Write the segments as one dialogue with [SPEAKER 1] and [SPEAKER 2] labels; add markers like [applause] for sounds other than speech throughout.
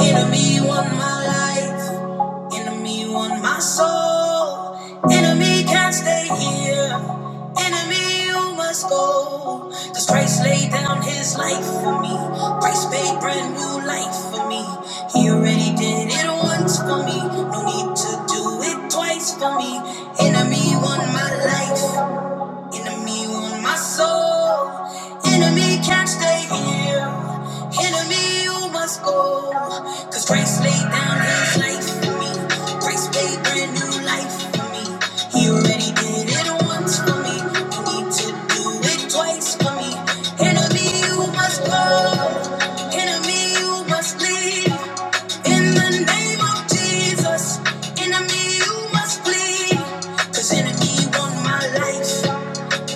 [SPEAKER 1] Enemy won my life. Enemy won my soul. Enemy can't stay here. Enemy, you must go. Cause Christ laid down his life for me. Christ made brand new life for me. He already did it once for me. No need to do it twice for me. Enemy won my life. Enemy on my soul. Enemy can't stay here. Enemy, you must go. Cause Christ laid down his life for me. Christ made brand new life for me. He already did it once for me. You need to do it twice for me. Enemy, you must go. Enemy, you must leave. In the name of Jesus. Enemy, you must flee. Cause enemy want my life.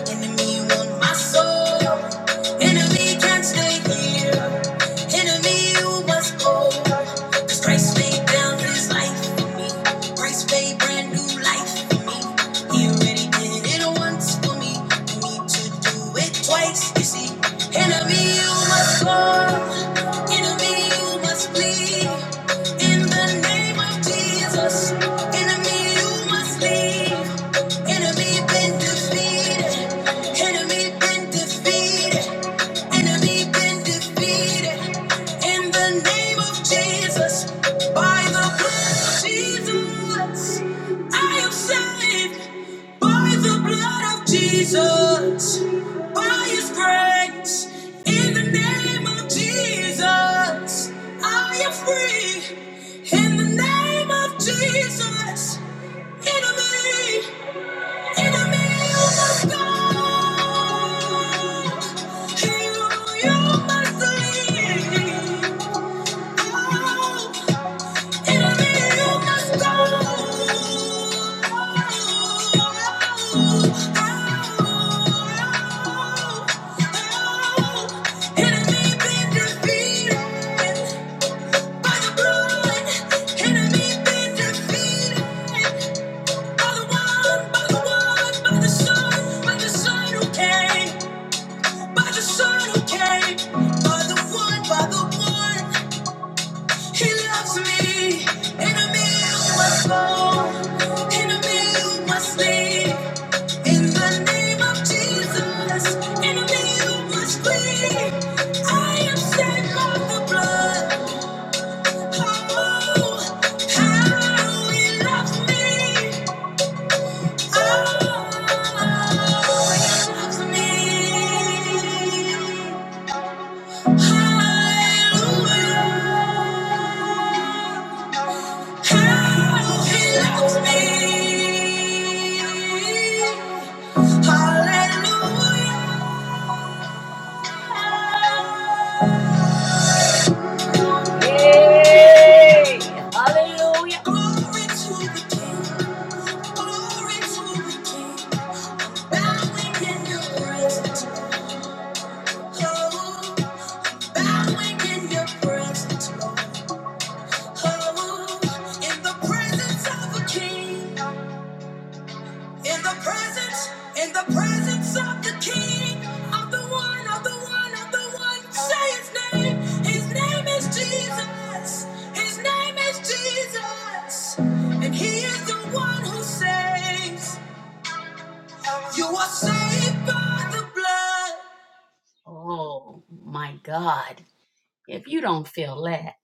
[SPEAKER 1] Enemy, you want my soul. Enemy can't stay here. Enemy, you must go. 'Cause Christ laid down his life for me. Christ paid brand new life for me. He already did it once for me. You need to do it twice, you see. Enemy, you must go. Enemy, you must flee. In the name of Jesus. Enemy, you must flee. Enemy been defeated. Enemy been defeated. Enemy been defeated. In the name of Jesus, by the blood of Jesus, I am saved. By the blood of Jesus, by His grace. In the name of Jesus, I am free. In the name of Jesus, enemy. In the middle of the you must leave. Oh, in the middle of the storm, enemy been defeated by the blood. Enemy been defeated by the one, by the one, by the sun, by the sun who came. By the sun who came, by the one, by the one, he loves me. In a meal must go, in a meal must leave. In the name of Jesus, in a meal must leave. I am saved by the blood. Oh, how he loves me. Oh, he loves me. Hallelujah. How he loves me. Hallelujah. Yay. Hallelujah. Glory to the King. Glory to the King. Bowing in your presence. Oh, bowing in your presence. Oh my God. If you don't feel that,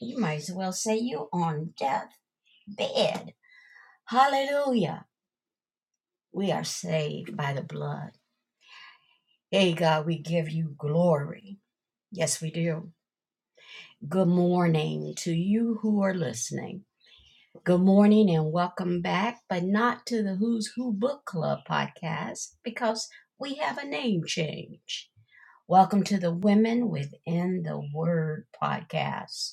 [SPEAKER 1] you might as well say you are on death bed. Hallelujah. We are saved by the blood. Hey, God, we give you glory. Yes, we do. Good morning to you who are listening. Good morning and welcome back, but not to the Who's Who Book Club podcast because we have a name change. Welcome to the Women Within the Word podcast.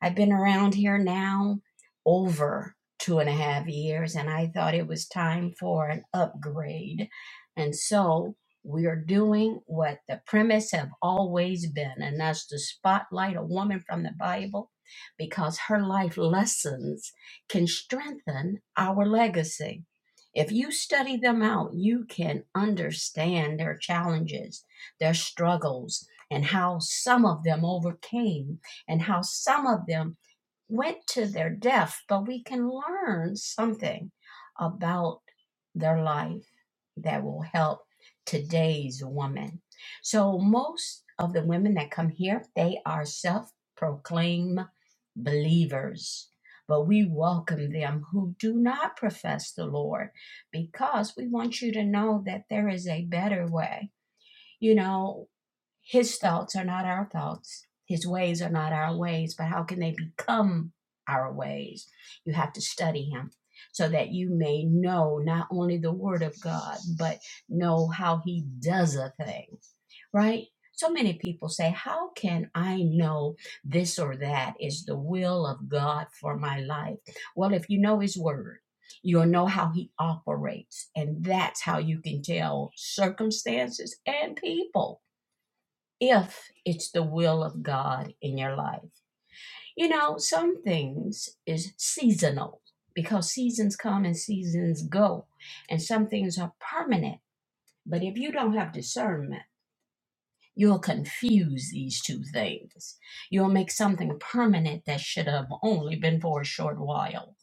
[SPEAKER 1] I've been around here now over two and a half years, and I thought it was time for an upgrade. And so we are doing what the premise have always been, and that's to spotlight a woman from the Bible because her life lessons can strengthen our legacy. If you study them out, you can understand their challenges, their struggles, and how some of them overcame and how some of them went to their death, but we can learn something about their life that will help today's woman. So, most of the women that come here, they are self proclaimed believers. But we welcome them who do not profess the Lord because we want you to know that there is a better way you know, his thoughts are not our thoughts. His ways are not our ways, but how can they become our ways? You have to study him so that you may know not only the word of God, but know how he does a thing right? So many people say, How can I know this or that is the will of God for my life? Well, if you know His Word, you'll know how He operates. And that's how you can tell circumstances and people if it's the will of God in your life. You know, some things is seasonal because seasons come and seasons go, and some things are permanent. But if you don't have discernment, You'll confuse these two things. You'll make something permanent that should have only been for a short while.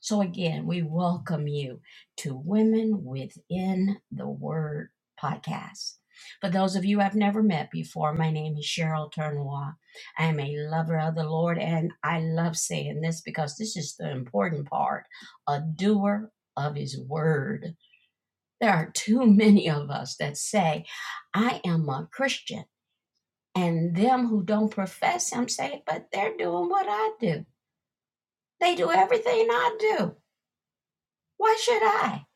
[SPEAKER 1] So, again, we welcome you to Women Within the Word podcast. For those of you I've never met before, my name is Cheryl Turnois. I am a lover of the Lord, and I love saying this because this is the important part a doer of His Word. There are too many of us that say, I am a Christian and them who don't profess him say, But they're doing what I do. They do everything I do. Why should I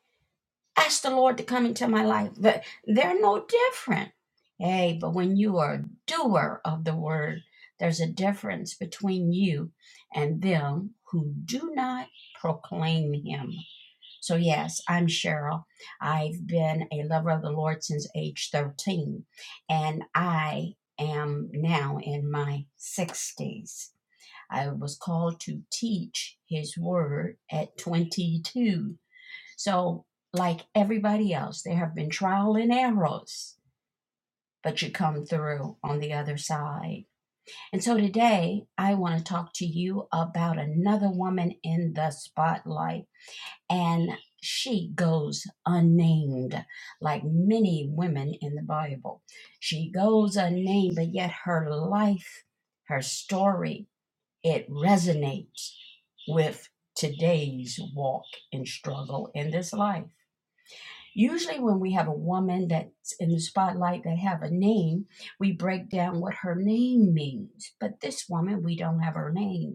[SPEAKER 1] ask the Lord to come into my life? But They're no different. Hey, but when you are a doer of the word, there's a difference between you and them who do not proclaim him. So, yes, I'm Cheryl. I've been a lover of the Lord since age 13, and I am now in my 60s. I was called to teach His Word at 22. So, like everybody else, there have been trial and errors, but you come through on the other side. And so, today, I want to talk to you about another woman in the spotlight and she goes unnamed, like many women in the Bible. She goes unnamed, but yet her life, her story, it resonates with today's walk and struggle in this life. Usually when we have a woman that's in the spotlight that have a name, we break down what her name means. But this woman, we don't have her name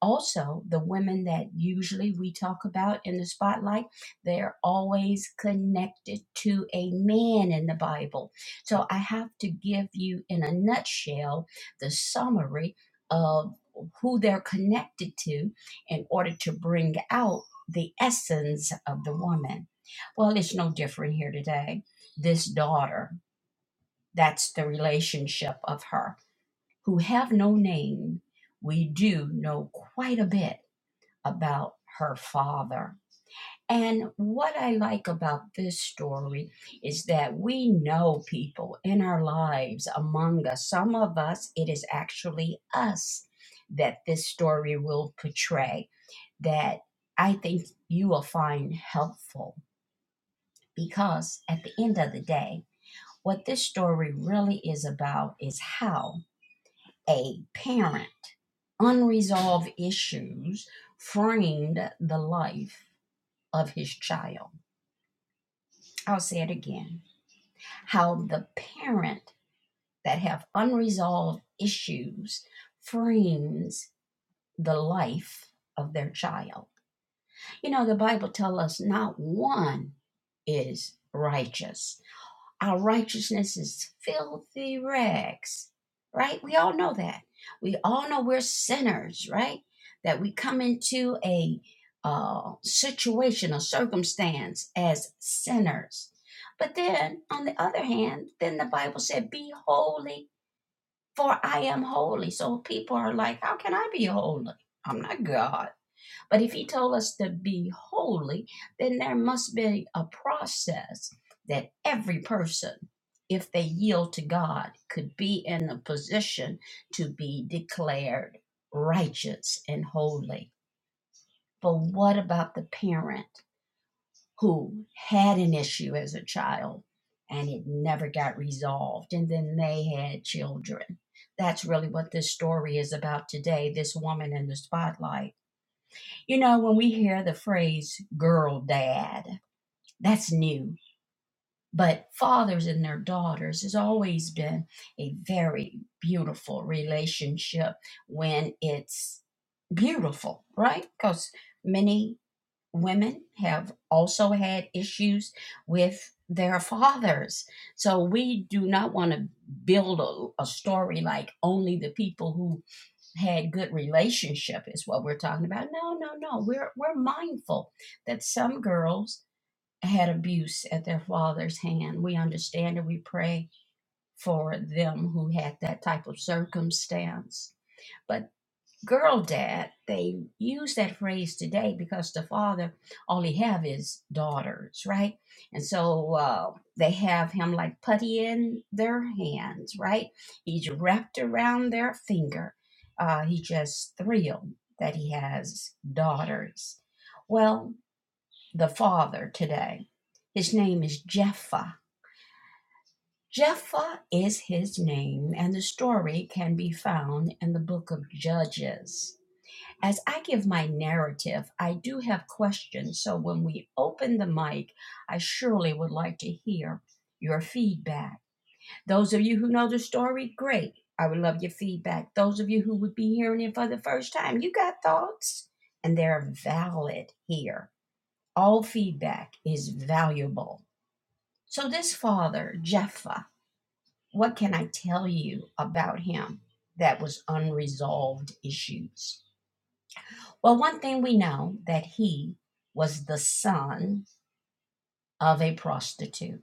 [SPEAKER 1] also the women that usually we talk about in the spotlight they're always connected to a man in the bible so i have to give you in a nutshell the summary of who they're connected to in order to bring out the essence of the woman well it's no different here today this daughter that's the relationship of her who have no name we do know quite a bit about her father. And what I like about this story is that we know people in our lives among us. Some of us, it is actually us that this story will portray that I think you will find helpful because at the end of the day, what this story really is about is how a parent, unresolved issues, framed the life of his child. I'll say it again how the parent that have unresolved issues frames the life of their child. You know, the Bible tells us not one is righteous. Our righteousness is filthy rags, right? We all know that. We all know we're sinners, right? That we come into a uh, situation or circumstance as sinners. But then, on the other hand, then the Bible said, Be holy, for I am holy. So people are like, How can I be holy? I'm not God. But if he told us to be holy, then there must be a process that every person, if they yield to God, could be in a position to be declared righteous and holy. But what about the parent who had an issue as a child and it never got resolved and then they had children? That's really what this story is about today this woman in the spotlight you know, when we hear the phrase girl dad, that's new. But fathers and their daughters has always been a very beautiful relationship when it's beautiful, right? Because many women have also had issues with their fathers. So we do not want to build a, a story like only the people who had good relationship is what we're talking about. No, no, no. We're we're mindful that some girls had abuse at their father's hand. We understand and we pray for them who had that type of circumstance. But girl dad they use that phrase today because the father only have his daughters right and so uh, they have him like putty in their hands right he's wrapped around their finger uh, he just thrilled that he has daughters well the father today his name is Jephthah. Jephthah is his name and the story can be found in the book of judges as I give my narrative, I do have questions. So when we open the mic, I surely would like to hear your feedback. Those of you who know the story, great. I would love your feedback. Those of you who would be hearing it for the first time, you got thoughts, and they're valid here. All feedback is valuable. So, this father, Jephthah, what can I tell you about him that was unresolved issues? Well, one thing we know that he was the son of a prostitute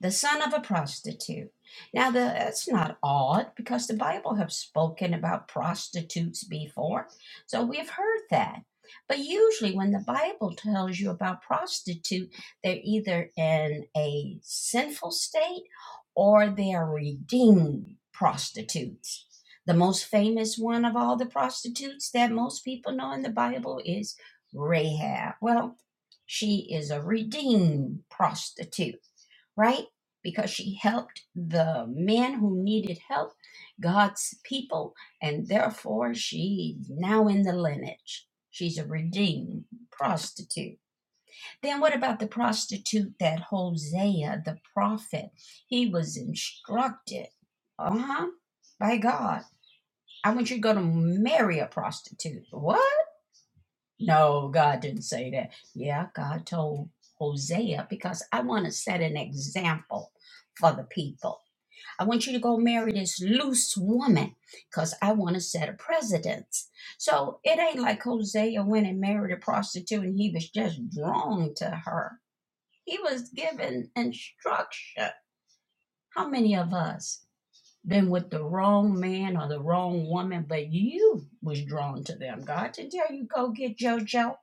[SPEAKER 1] the son of a prostitute. Now, the, that's not odd because the Bible have spoken about prostitutes before, so we've heard that. But usually, when the Bible tells you about prostitute, they're either in a sinful state or they are redeemed prostitutes. The most famous one of all the prostitutes that most people know in the Bible is Rahab. Well, she is a redeemed prostitute right? Because she helped the men who needed help, God's people, and therefore she's now in the lineage. She's a redeemed prostitute. Then what about the prostitute that Hosea, the prophet, he was instructed, uh-huh, by God. I want you to go to marry a prostitute. What? No, God didn't say that. Yeah, God told Hosea because I want to set an example for the people I want you to go marry this loose woman because I want to set a precedence. So it ain't like Hosea went and married a prostitute and he was just drawn to her. He was given instruction. How many of us been with the wrong man or the wrong woman, but you was drawn to them? God didn't tell you go get JoJo.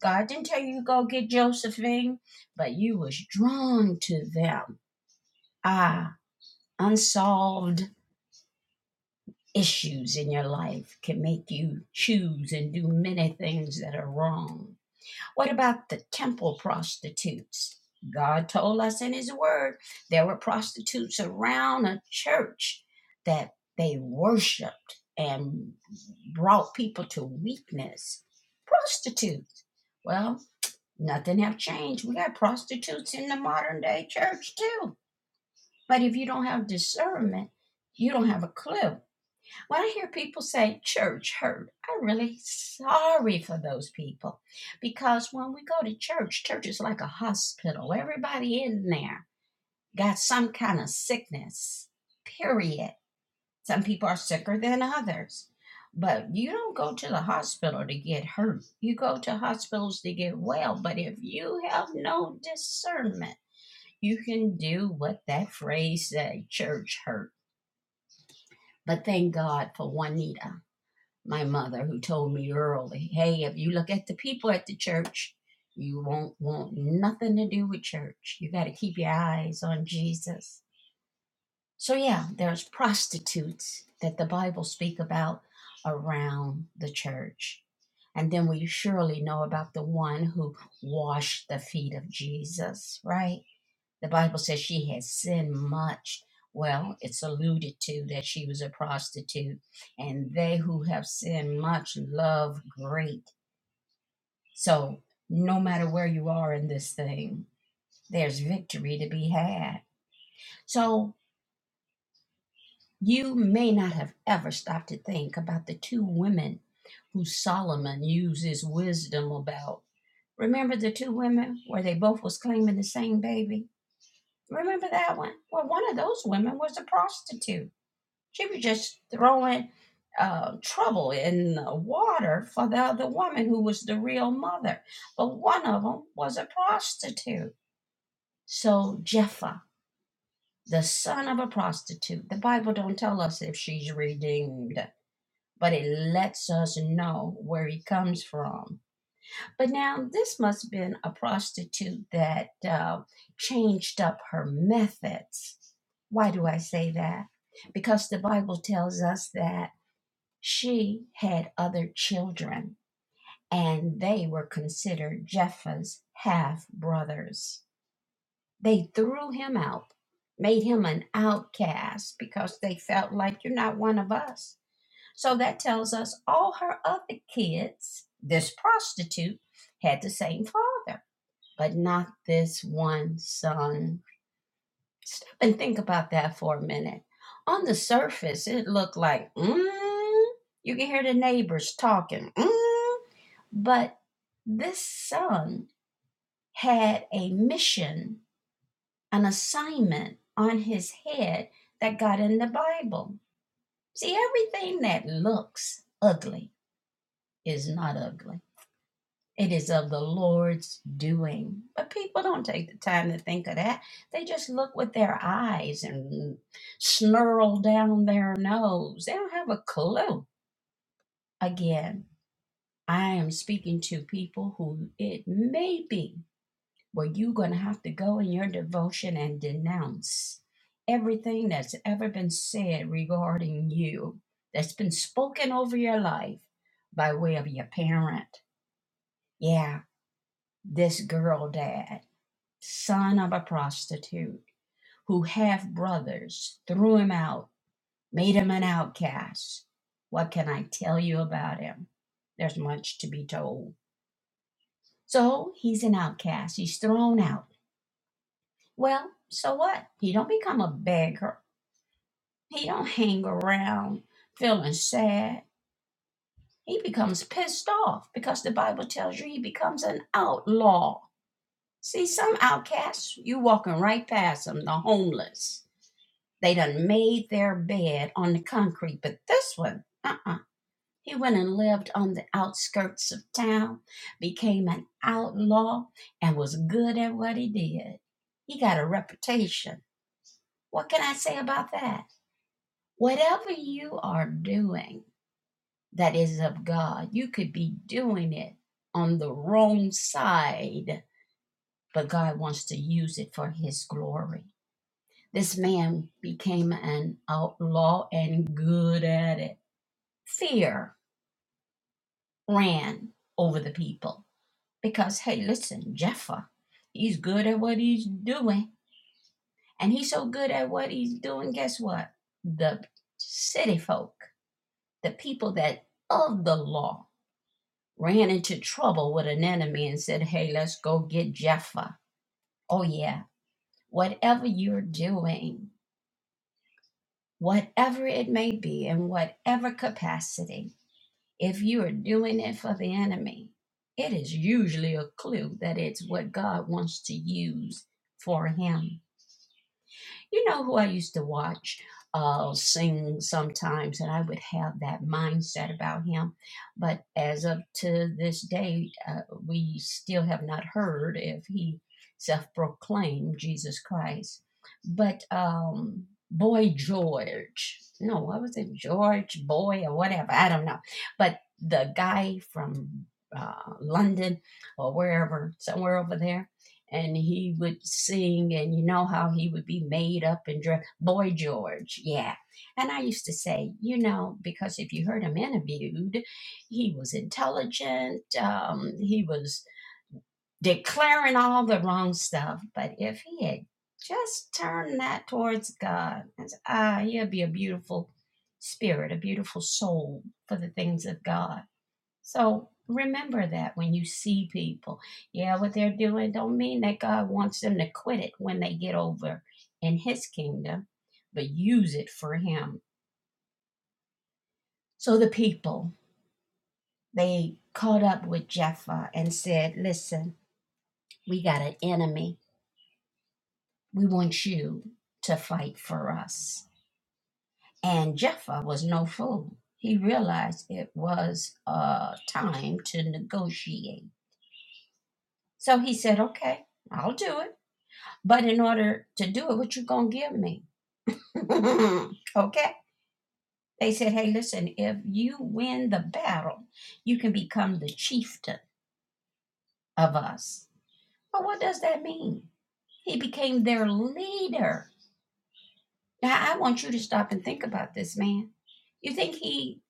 [SPEAKER 1] God didn't tell you go get Josephine, but you was drawn to them. Ah, unsolved issues in your life can make you choose and do many things that are wrong. What about the temple prostitutes? God told us in His Word there were prostitutes around a church that they worshiped and brought people to weakness. Prostitutes. Well, nothing have changed. We got prostitutes in the modern day church too. But if you don't have discernment, you don't have a clue when I hear people say church hurt, I'm really sorry for those people because when we go to church, church is like a hospital. Everybody in there got some kind of sickness, period. Some people are sicker than others, but you don't go to the hospital to get hurt. You go to hospitals to get well, but if you have no discernment, you can do what that phrase said, church hurt. But thank God for Juanita my mother who told me early, hey, if you look at the people at the church, you won't want nothing to do with church. You got to keep your eyes on Jesus. So yeah, there's prostitutes that the Bible speak about around the church. And then we surely know about the one who washed the feet of Jesus, right? The Bible says she has sinned much. Well, it's alluded to that she was a prostitute, and they who have sinned much love great. So, no matter where you are in this thing, there's victory to be had. So, you may not have ever stopped to think about the two women who Solomon uses wisdom about. Remember the two women where they both was claiming the same baby? Remember that one? Well, one of those women was a prostitute She was just throwing uh, trouble in the water for the other woman who was the real mother. But one of them was a prostitute. So Jephthah, the son of a prostitute, the Bible don't tell us if she's redeemed, but it lets us know where he comes from. But now this must have been a prostitute that uh, changed up her methods. Why do I say that? Because the Bible tells us that She had other children, and they were considered Jephthah's half brothers. They threw him out, made him an outcast because they felt like you're not one of us. So that tells us all her other kids, this prostitute, had the same father, but not this one son. Stop and think about that for a minute. On the surface, it looked like, mm, you can hear the neighbors talking. Mm, But this son had a mission, an assignment on his head that got in the Bible. See, everything that looks ugly is not ugly. It is of the Lord's doing. But people don't take the time to think of that. They just look with their eyes and snarl down their nose. They don't have a clue. Again, I am speaking to people who it may be where you're going to have to go in your devotion and denounce everything that's ever been said regarding you, that's been spoken over your life by way of your parent. Yeah, this girl dad, son of a prostitute, who half brothers threw him out, made him an outcast. What can I tell you about him? There's much to be told. So he's an outcast. He's thrown out Well, so what? He don't become a beggar. He don't hang around feeling sad. He becomes pissed off because the Bible tells you he becomes an outlaw. See, some outcasts, you walking right past them, the homeless. They done made their bed on the concrete, but this one, uh-uh. He went and lived on the outskirts of town, became an outlaw, and was good at what he did. He got a reputation. What can I say about that? Whatever you are doing that is of God, you could be doing it on the wrong side, but God wants to use it for His glory. This man became an outlaw and good at it. Fear ran over the people because, hey, listen, Jephthah, he's good at what he's doing. And he's so good at what he's doing, guess what? The city folk, the people that of the law ran into trouble with an enemy and said, Hey, let's go get Jeffa. Oh, yeah. Whatever you're doing, whatever it may be, in whatever capacity, if you are doing it for the enemy, it is usually a clue that it's what God wants to use for him. You know who I used to watch uh, sing sometimes, and I would have that mindset about him. But as of to this day, uh, we still have not heard if he self-proclaimed Jesus Christ. But um, Boy George, no, what was it, George Boy or whatever? I don't know. But the guy from uh, London or wherever, somewhere over there and he would sing and you know how he would be made up and dressed boy george yeah and i used to say you know because if you heard him interviewed he was intelligent um, he was declaring all the wrong stuff but if he had just turned that towards god and s- ah he'd be a beautiful spirit a beautiful soul for the things of god so remember that when you see people. Yeah, what they're doing don't mean that God wants them to quit it when they get over in his kingdom, but use it for him. So the people, they caught up with Jephthah and said, Listen, we got an enemy. We want you to fight for us. And Jephthah was no fool. He realized it was uh, time to negotiate. So he said, Okay, I'll do it. But in order to do it, what you gonna give me? [laughs] okay. They said, hey, listen, if you win the battle, you can become the chieftain of us. But what does that mean? He became their leader. Now I want you to stop and think about this, man. You think he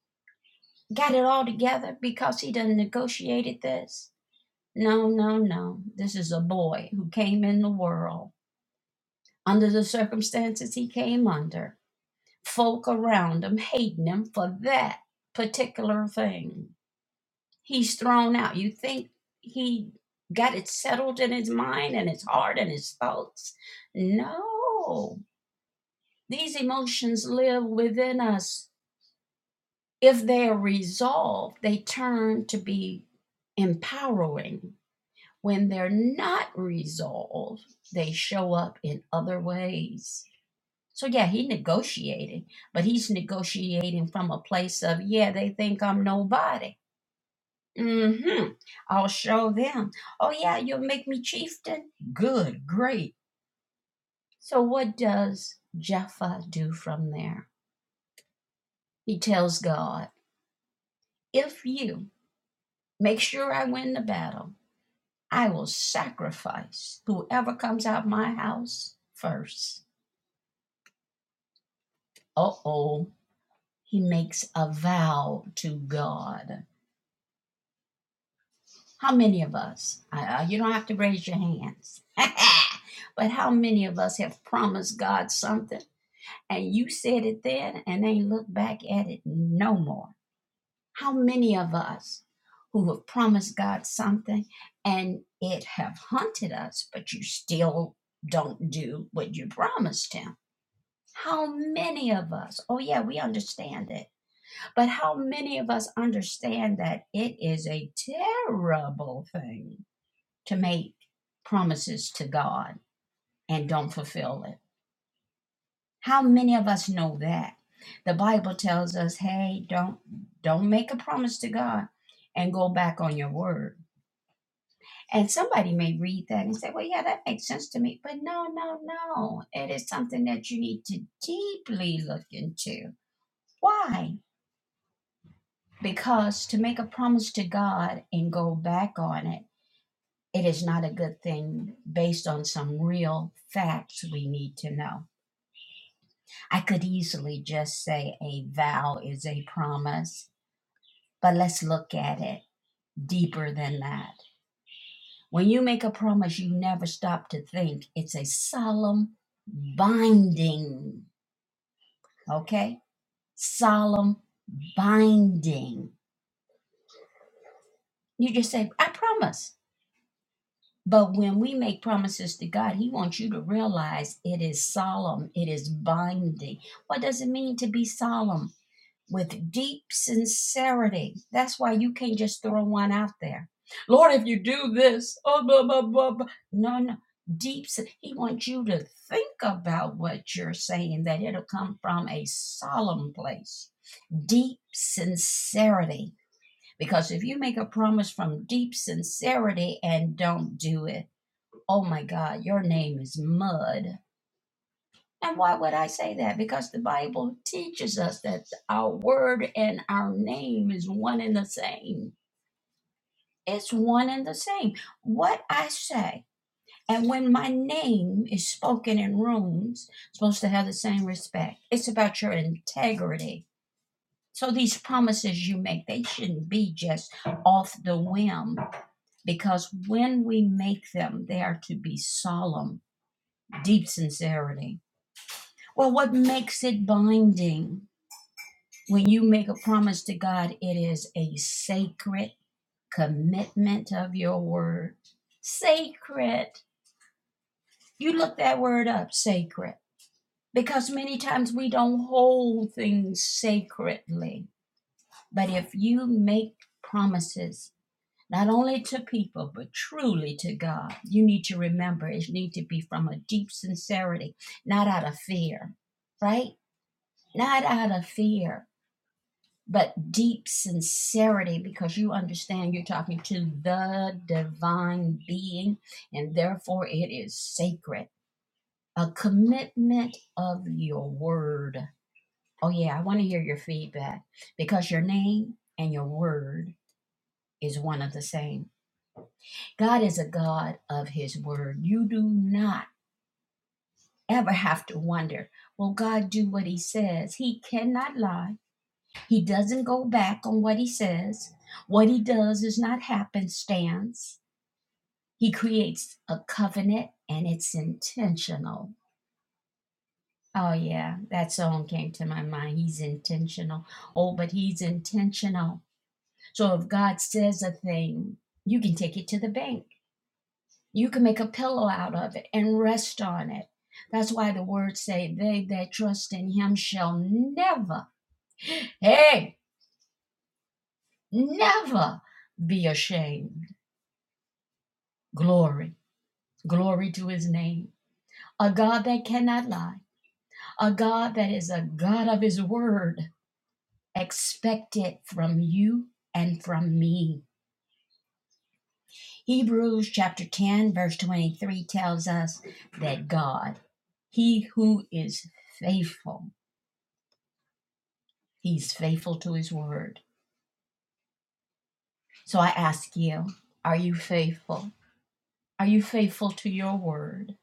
[SPEAKER 1] got it all together because he done negotiated this? No, no, no. This is a boy who came in the world under the circumstances he came under folk around him hating him for that particular thing. He's thrown out. You think he got it settled in his mind and his heart and his thoughts? No. These emotions live within us. If they are resolved, they turn to be empowering. When they're not resolved, they show up in other ways So yeah, he negotiating, but he's negotiating from a place of yeah, they think I'm nobody. Mm-hmm. I'll show them. Oh yeah, you'll make me chieftain. Good, great. So what does Jephthah do from there? He tells God, if you make sure I win the battle, I will sacrifice whoever comes out my house first. Uh oh. He makes a vow to God. How many of us? uh, you don't have to raise your hands. [laughs] but how many of us have promised God something and you said it then and ain't looked back at it no more? How many of us who have promised God something and it have haunted us, but you still don't do what you promised Him? How many of us? Oh, yeah, we understand it. But how many of us understand that it is a terrible thing? to make promises to God and don't fulfill it. How many of us know that? The Bible tells us, "Hey, don't don't make a promise to God and go back on your word." And somebody may read that and say, "Well, yeah, that makes sense to me." But no, no, no. It is something that you need to deeply look into. Why? Because to make a promise to God and go back on it, it is not a good thing based on some real facts we need to know. I could easily just say a vow is a promise, but let's look at it deeper than that. When you make a promise, you never stop to think. It's a solemn binding, okay? Solemn binding. You just say, I promise. But when we make promises to God, He wants you to realize it is solemn, it is binding. What does it mean to be solemn? with deep sincerity. That's why you can't just throw one out there. Lord, if you do this, oh, blah, blah, blah, blah. no, no. Deep, si-, he wants you to think about what you're saying, that it'll come from a solemn place. Deep sincerity. Because if you make a promise from deep sincerity and don't do it, oh my God, your name is mud and why would I say that? Because the Bible teaches us that our word and our name is one and the same. It's one and the same. What I say, and when my name is spoken in rooms, it's supposed to have the same respect. It's about your integrity. So these promises you make, they shouldn't be just off the whim, because when we make them, they are to be solemn, deep sincerity. Well, what makes it binding? When you make a promise to God, it is a sacred commitment of your word. Sacred. You look that word up, sacred. Because many times we don't hold things sacredly. But if you make promises, not only to people, but truly to God, you need to remember it need to be from a deep sincerity, not out of fear, right? Not out of fear but deep sincerity because you understand you're talking to the divine being and therefore it is sacred. A commitment of your word. Oh, yeah, I want to hear your feedback because your name and your word is one of the same. God is a God of his word. You do not ever have to wonder, will God do what he says? He cannot lie. He doesn't go back on what he says. What he does is not happenstance. He creates a covenant and it's intentional. Oh, yeah, that song came to my mind. He's intentional. Oh, but he's intentional. So if God says a thing, you can take it to the bank. You can make a pillow out of it and rest on it. That's why the words say, They that trust in him shall never, hey, never be ashamed. Glory. Glory to his name. A God that cannot lie. A God that is a God of his word. Expect it from you and from me. Hebrews chapter 10, verse 23 tells us that God, he who is faithful, he's faithful to his word. So I ask you, are you faithful? Are you faithful to your word?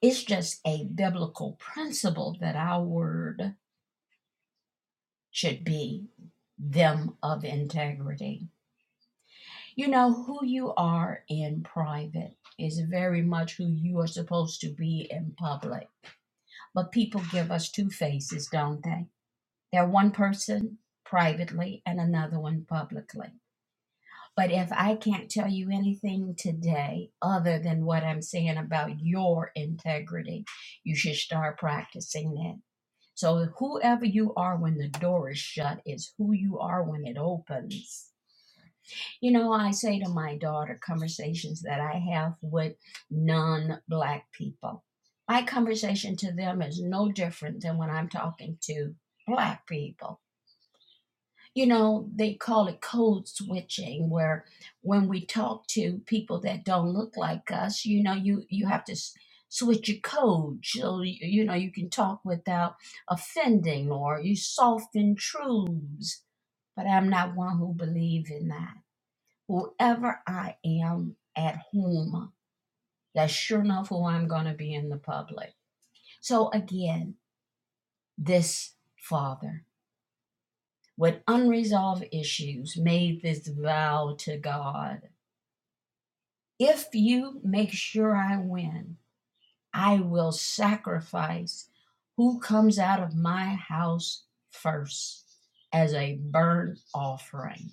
[SPEAKER 1] It's just a biblical principle that our word should be them of integrity. You know, who you are in private is very much who you are supposed to be in public. But people give us two faces, don't they? They're one person privately and another one publicly. But if I can't tell you anything today other than what I'm saying about your integrity, you should start practicing that. So, whoever you are when the door is shut is who you are when it opens You know, I say to my daughter conversations that I have with non black people. My conversation to them is no different than when I'm talking to black people. You know, they call it code switching, where when we talk to people that don't look like us, you know, you, you have to s- switch your code. So, you you know, you can talk without offending or you soften truths. But I'm not one who believe in that whoever I am at home, that's sure enough who I'm going to be in the public. So again, this father with unresolved issues made this vow to God if you make sure I win, I will sacrifice who comes out of my house first as a burnt offering.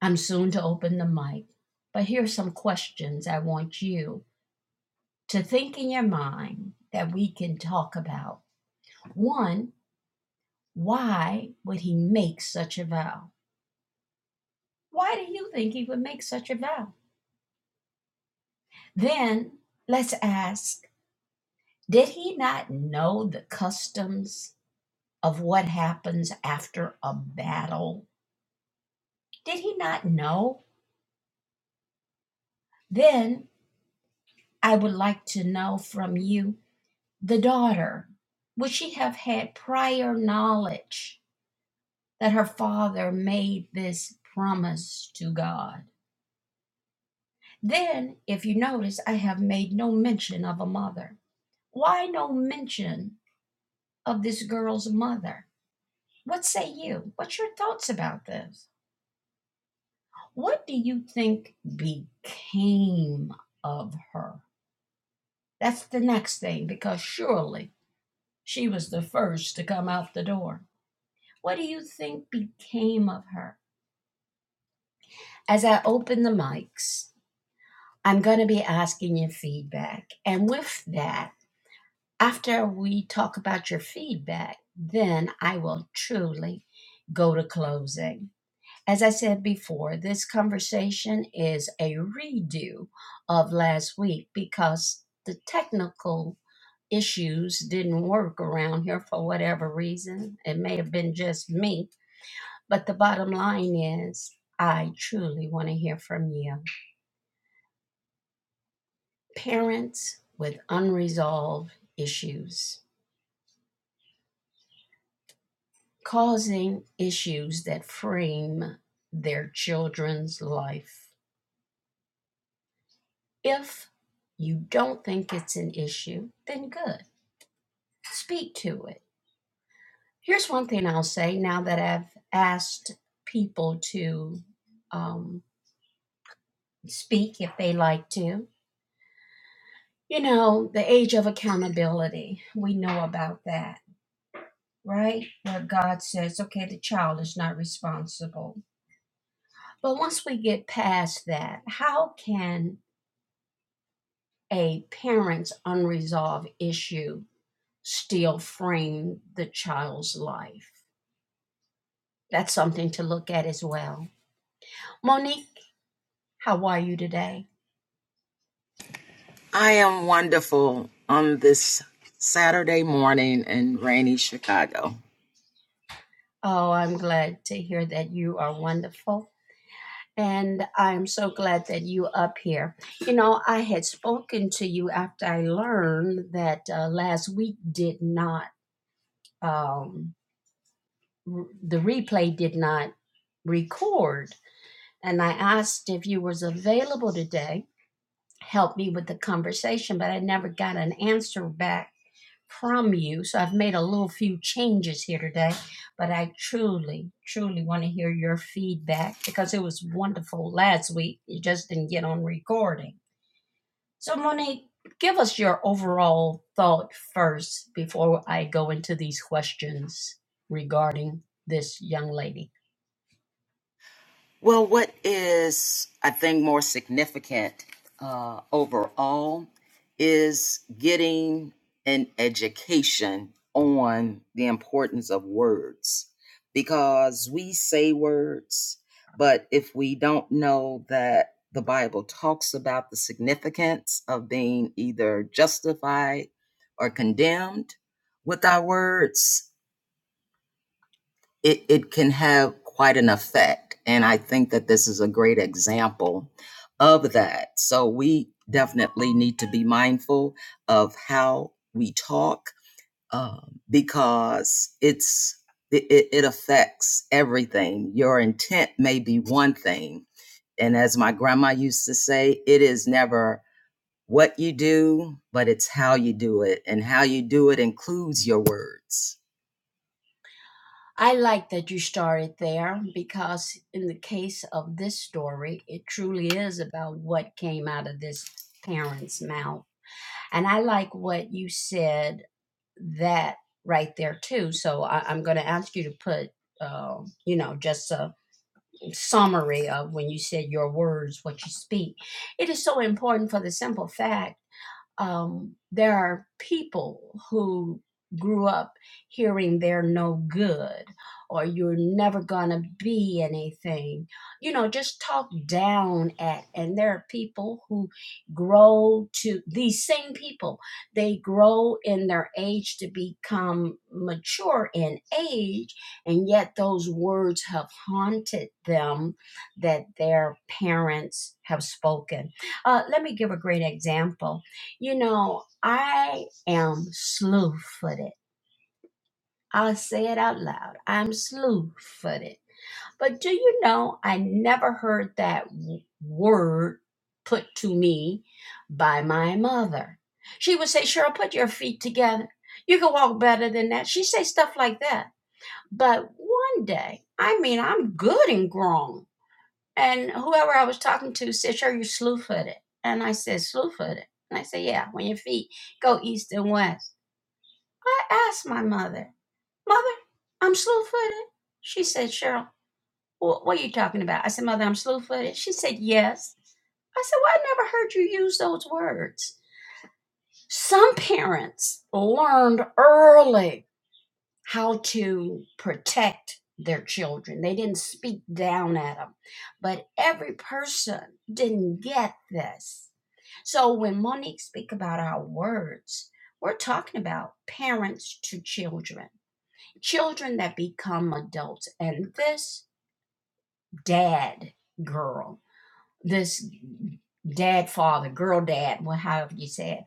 [SPEAKER 1] I'm soon to open the mic, but here's some questions I want you to think in your mind that we can talk about. One, why would he make such a vow? Why do you think he would make such a vow? Then let's ask did he not know the customs of what happens after a battle? Did he not know? Then I would like to know from you the daughter, would she have had prior knowledge? that her father made this promise to God. Then, if you notice, I have made no mention of a mother. Why no mention of this girl's mother? What say you? What's your thoughts about this? What do you think became of her? That's the next thing, because surely she was the first to come out the door. What do you think became of her? As I open the mics, I'm going to be asking you feedback. And with that, after we talk about your feedback, then I will truly go to closing. As I said before, this conversation is a redo of last week because the technical issues didn't work around here for whatever reason. It may have been just me, but the bottom line is I truly want to hear from you. parents with unresolved issues, causing issues that frame their children's life. If you don't think it's an issue, then good, speak to it. Here's one thing I'll say now that I've asked people to um, speak if they like to. You know, the age of accountability, we know about that, right? Where God says, okay, the child is not responsible But once we get past that, how can a parent's unresolved issue still frame the child's life? That's something to look at as well. Monique, how are you today?
[SPEAKER 2] I am wonderful on this Saturday morning in rainy Chicago.
[SPEAKER 1] Oh, I'm glad to hear that you are wonderful. And I'm so glad that you up here. You know, I had spoken to you after I learned that uh, last week did not, um, r- the replay did not record and I asked if you was available today. Help me with the conversation, but I never got an answer back from you. So I've made a little few changes here today, but I truly, truly want to hear your feedback because it was wonderful last week. You just didn't get on recording. So Monique, give us your overall thought first before I go into these questions regarding this young lady.
[SPEAKER 2] Well, what is, I think, more significant uh, overall is getting an education on the importance of words because we say words, but if we don't know that the Bible talks about the significance of being either justified or condemned with our words, it, it can have quite an effect. And I think that this is a great example of that. So we definitely need to be mindful of how we talk um, because it's it, it it affects everything. Your intent may be one thing. And as my grandma used to say, it is never what you do, but it's how you do it. And how you do it includes your words.
[SPEAKER 1] I like that you started there because, in the case of this story, it truly is about what came out of this parent's mouth. And I like what you said that right there, too. So I, I'm going to ask you to put, uh, you know, just a summary of when you said your words, what you speak. It is so important for the simple fact um, there are people who grew up hearing they're no good or you're never going to be anything you know just talk down at and there are people who grow to these same people they grow in their age to become mature in age and yet those words have haunted them that their parents have spoken uh, let me give a great example you know, I am slew footed. I'll say it out loud. I'm slew footed. But do you know, I never heard that w- word put to me by my mother. She would say, Cheryl, put your feet together. You can walk better than that. She'd say stuff like that. But one day, I mean, I'm good and grown. And whoever I was talking to said, Sure, you slew footed. And I said, Slew footed. And I said, Yeah, when your feet go east and west. I asked my mother, Mother, I'm slew footed. She said, Cheryl, wh- what are you talking about? I said, Mother, I'm slew footed. She said, Yes. I said, Well, I never heard you use those words. Some parents learned early how to protect their children, they didn't speak down at them. But every person didn't get this. So when Monique speak about our words, we're talking about parents to children children that become adults. And this dad girl, this dad father, girl dad, well, however you say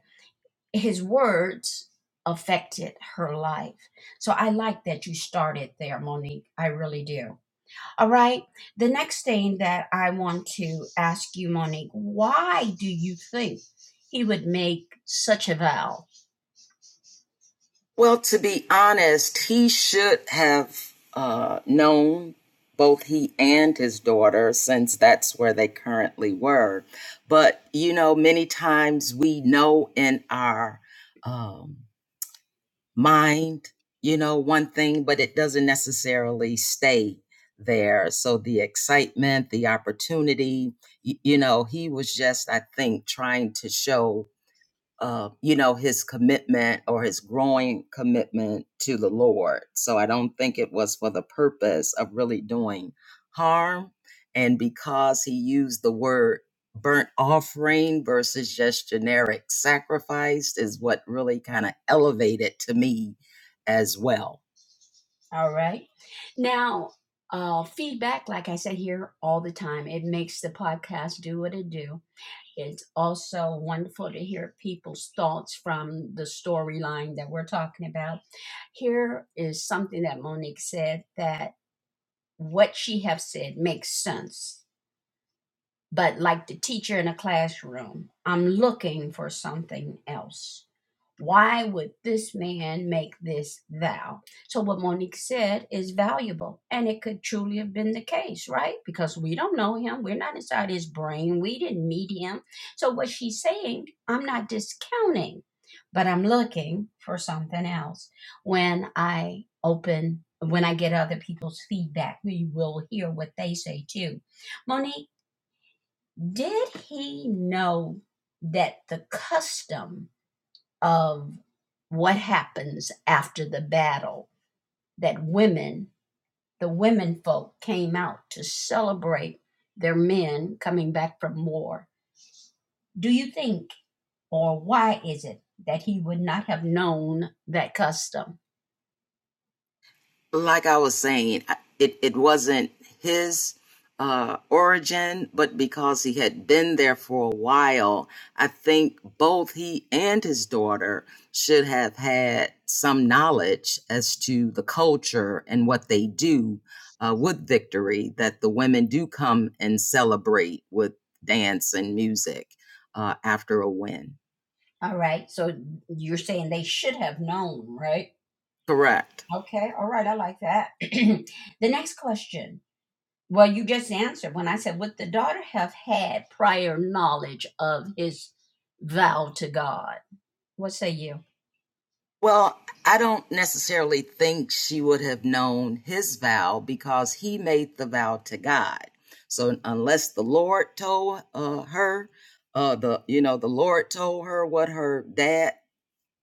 [SPEAKER 1] it, his words affected her life. So I like that you started there, Monique. I really do. All right. The next thing that I want to ask you, Monique, why do you think he would make such a vow
[SPEAKER 2] Well, to be honest, he should have uh, known both he and his daughter since that's where they currently were. But, you know, many times we know in our um, mind, you know, one thing, but it doesn't necessarily stay there. So the excitement, the opportunity, y- you know, he was just, I think, trying to show uh, you know, his commitment or his growing commitment to the Lord. So I don't think it was for the purpose of really doing harm. And because he used the word burnt offering versus just generic sacrifice is what really kind of elevated to me as well
[SPEAKER 1] All right. Now, uh, feedback, like I said here all the time, it makes the podcast do what it do. It's also wonderful to hear people's thoughts from the storyline that we're talking about. Here is something that Monique said that what she have said makes sense but like the teacher in a classroom, I'm looking for something else. Why would this man make this vow? So, what Monique said is valuable, and it could truly have been the case, right? Because we don't know him, we're not inside his brain, we didn't meet him. So, what she's saying, I'm not discounting, but I'm looking for something else. When I open, when I get other people's feedback, we will hear what they say too. Monique, did he know that the custom of what happens after the battle that women, the women folk, came out to celebrate their men coming back from war? Do you think, or why is it that he would not have known that custom?
[SPEAKER 2] like I was saying, it, it wasn't his uh, origin, but because he had been there for a while, I think both he and his daughter should have had some knowledge as to the culture and what they do uh, with victory, that the women do come and celebrate with dance and music uh, after a win.
[SPEAKER 1] All right, so you're saying they should have known, right?
[SPEAKER 2] Correct.
[SPEAKER 1] Okay, all right, I like that. [clears throat] the next question Well, you just answered when I said, Would the daughter have had prior knowledge of his vow to God? What say you?
[SPEAKER 2] Well, I don't necessarily think she would have known his vow because he made the vow to God. So unless the Lord told uh, her, uh, the you know the Lord told her what her dad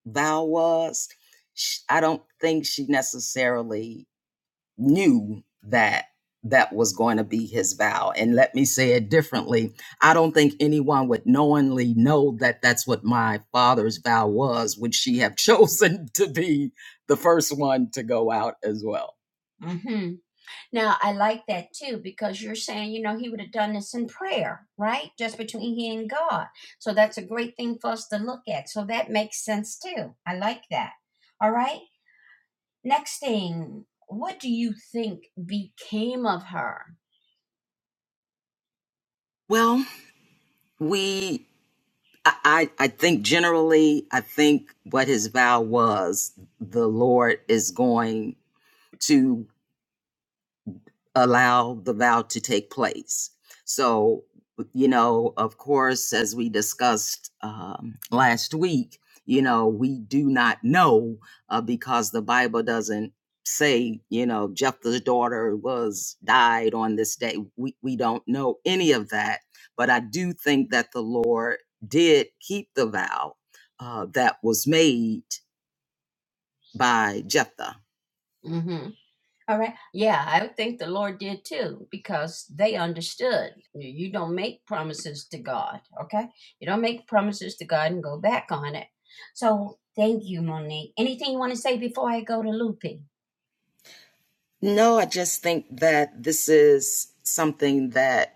[SPEAKER 2] vow was, I don't think she necessarily knew that that was going to be his vow. And let me say it differently. I don't think anyone would knowingly know that that's what my father's vow was. Would she have [laughs] chosen to be the first one to go out as well?
[SPEAKER 1] hmm Now, I like that too because you're saying, you know, he would have done this in prayer, right? Just between he and God. So that's a great thing for us to look at. So that makes sense too. I like that. All right. Next thing, what do you think became of her?
[SPEAKER 2] Well, we, I, I I think generally, I think what his vow was, the Lord is going to. allow the vow to take place. So, you know, of course, as we discussed um, last week, you know, we do not know uh, because the Bible doesn't say, you know, Jephthah's daughter was died on this day. We, we don't know any of that. But I do think that the Lord did keep the vow uh, that was made by Jephthah.
[SPEAKER 1] Mm-hmm. All right. Yeah, I think the Lord did too, because they understood. You you don't make promises to God, okay? You don't make promises to God and go back on it. So thank you, Monique. Anything you want to say before I go to Loopy?
[SPEAKER 2] No, I just think that this is something that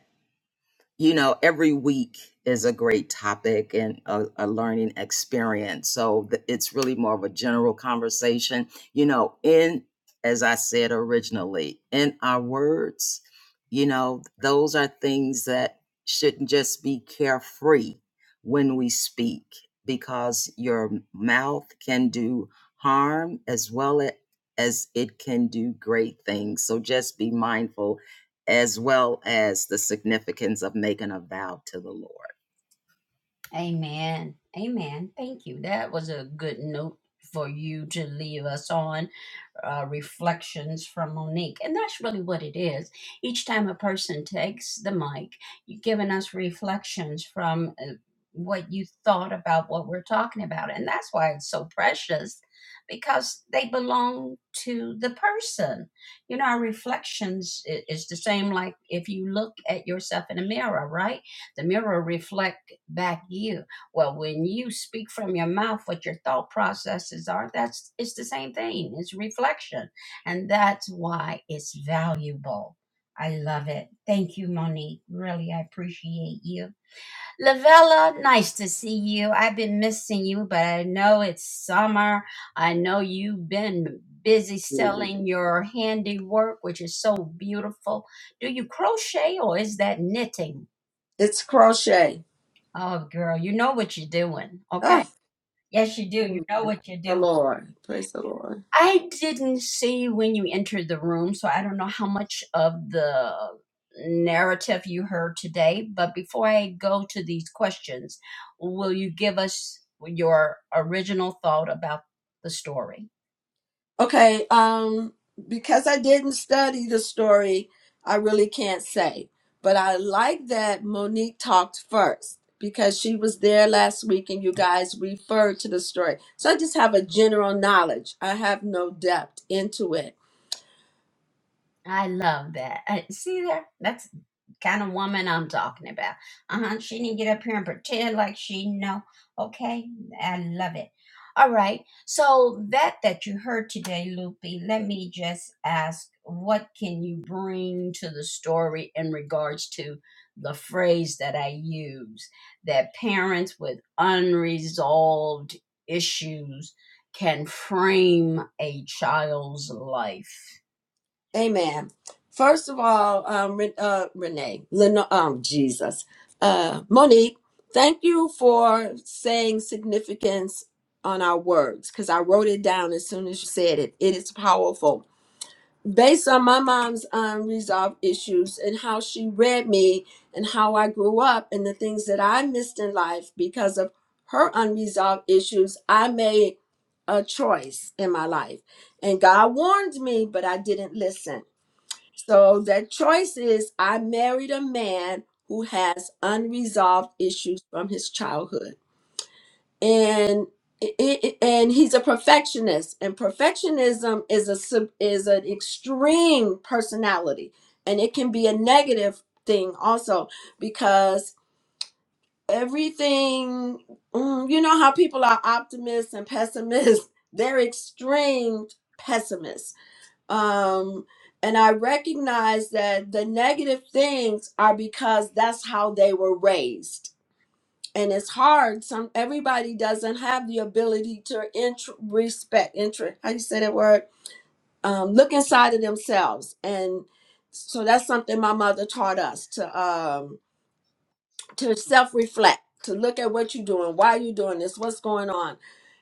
[SPEAKER 2] you know, every week is a great topic and a, a learning experience. So th- it's really more of a general conversation. You know, in, as I said originally, in our words, you know, those are things that shouldn't just be carefree when we speak because your mouth can do harm as well as it can do great things. So just be mindful as well as the significance of making a vow to the Lord.
[SPEAKER 1] Amen. Amen. Thank you. That was a good note for you to leave us on. uh, reflections from Monique. And that's really what it is. Each time a person takes the mic, you're giving us reflections from uh, what you thought about what we're talking about. And that's why it's so precious because they belong to the person. You know, our reflections i- is the same like if you look at yourself in a mirror, right? The mirror reflect back you well, when you speak from your mouth what your thought processes are, that's it's the same thing. It's reflection. And that's why it's valuable. I love it. Thank you, Monique. Really, I appreciate you. Lavella, nice to see you. I've been missing you, but I know it's summer. I know you've been busy
[SPEAKER 3] music.
[SPEAKER 1] selling your handiwork, which is so beautiful. Do you crochet or is that knitting?
[SPEAKER 3] It's crochet.
[SPEAKER 1] Oh, girl, you know what you're doing. Okay.
[SPEAKER 3] Oh,
[SPEAKER 1] Yes, you do. You
[SPEAKER 3] amen.
[SPEAKER 1] know
[SPEAKER 3] Praise
[SPEAKER 1] what you're
[SPEAKER 3] the
[SPEAKER 1] doing.
[SPEAKER 3] Lord. Praise the Lord.
[SPEAKER 1] I didn't see when you entered the room, so I don't know how much of the narrative you heard today. But before I go to these questions, will you give us your original thought about the story?
[SPEAKER 3] Okay, um, because I didn't study the story, I really can't say. But I like that Monique talked first because she was there last week and you guys referred to the story. So I just have a general knowledge. I have no depth into it.
[SPEAKER 1] I love that. Uh, see there? That's kind of woman I'm talking about. Uh-huh. She didn't get up here and pretend like she know. Okay? I love it. All right. So that that you heard today, Loopy, let me just ask what can you bring to the story in regards to the phrase that I use that parents with unresolved issues can frame a child's life.
[SPEAKER 3] Amen. First of all, um, Re- uh, Renee, Leno, um, Jesus, uh, Monique, thank you for saying significance on our words because I wrote it down as soon as you said it. It is powerful. Based on my mom's unresolved issues and how she read me and how I grew up and the things that I missed in life because of her unresolved issues, I made a choice in my life. And God warned me, but I didn't listen. So that choice is I married a man who has unresolved issues from his childhood. And i- i- and he's a perfectionist and perfectionism is a sub- is an extreme personality and it can be a negative thing also because everything mm, you know how people are optimists and pessimists [laughs] they're extreme pessimists um and i recognize that the negative things are because that's how they were raised and it's hard some everybody doesn't have the ability to int- respect intro how you say that word um look inside of themselves and so that's something my mother taught us to Um, to self reflect, to look at what you're doing, why you're doing this, what's going on.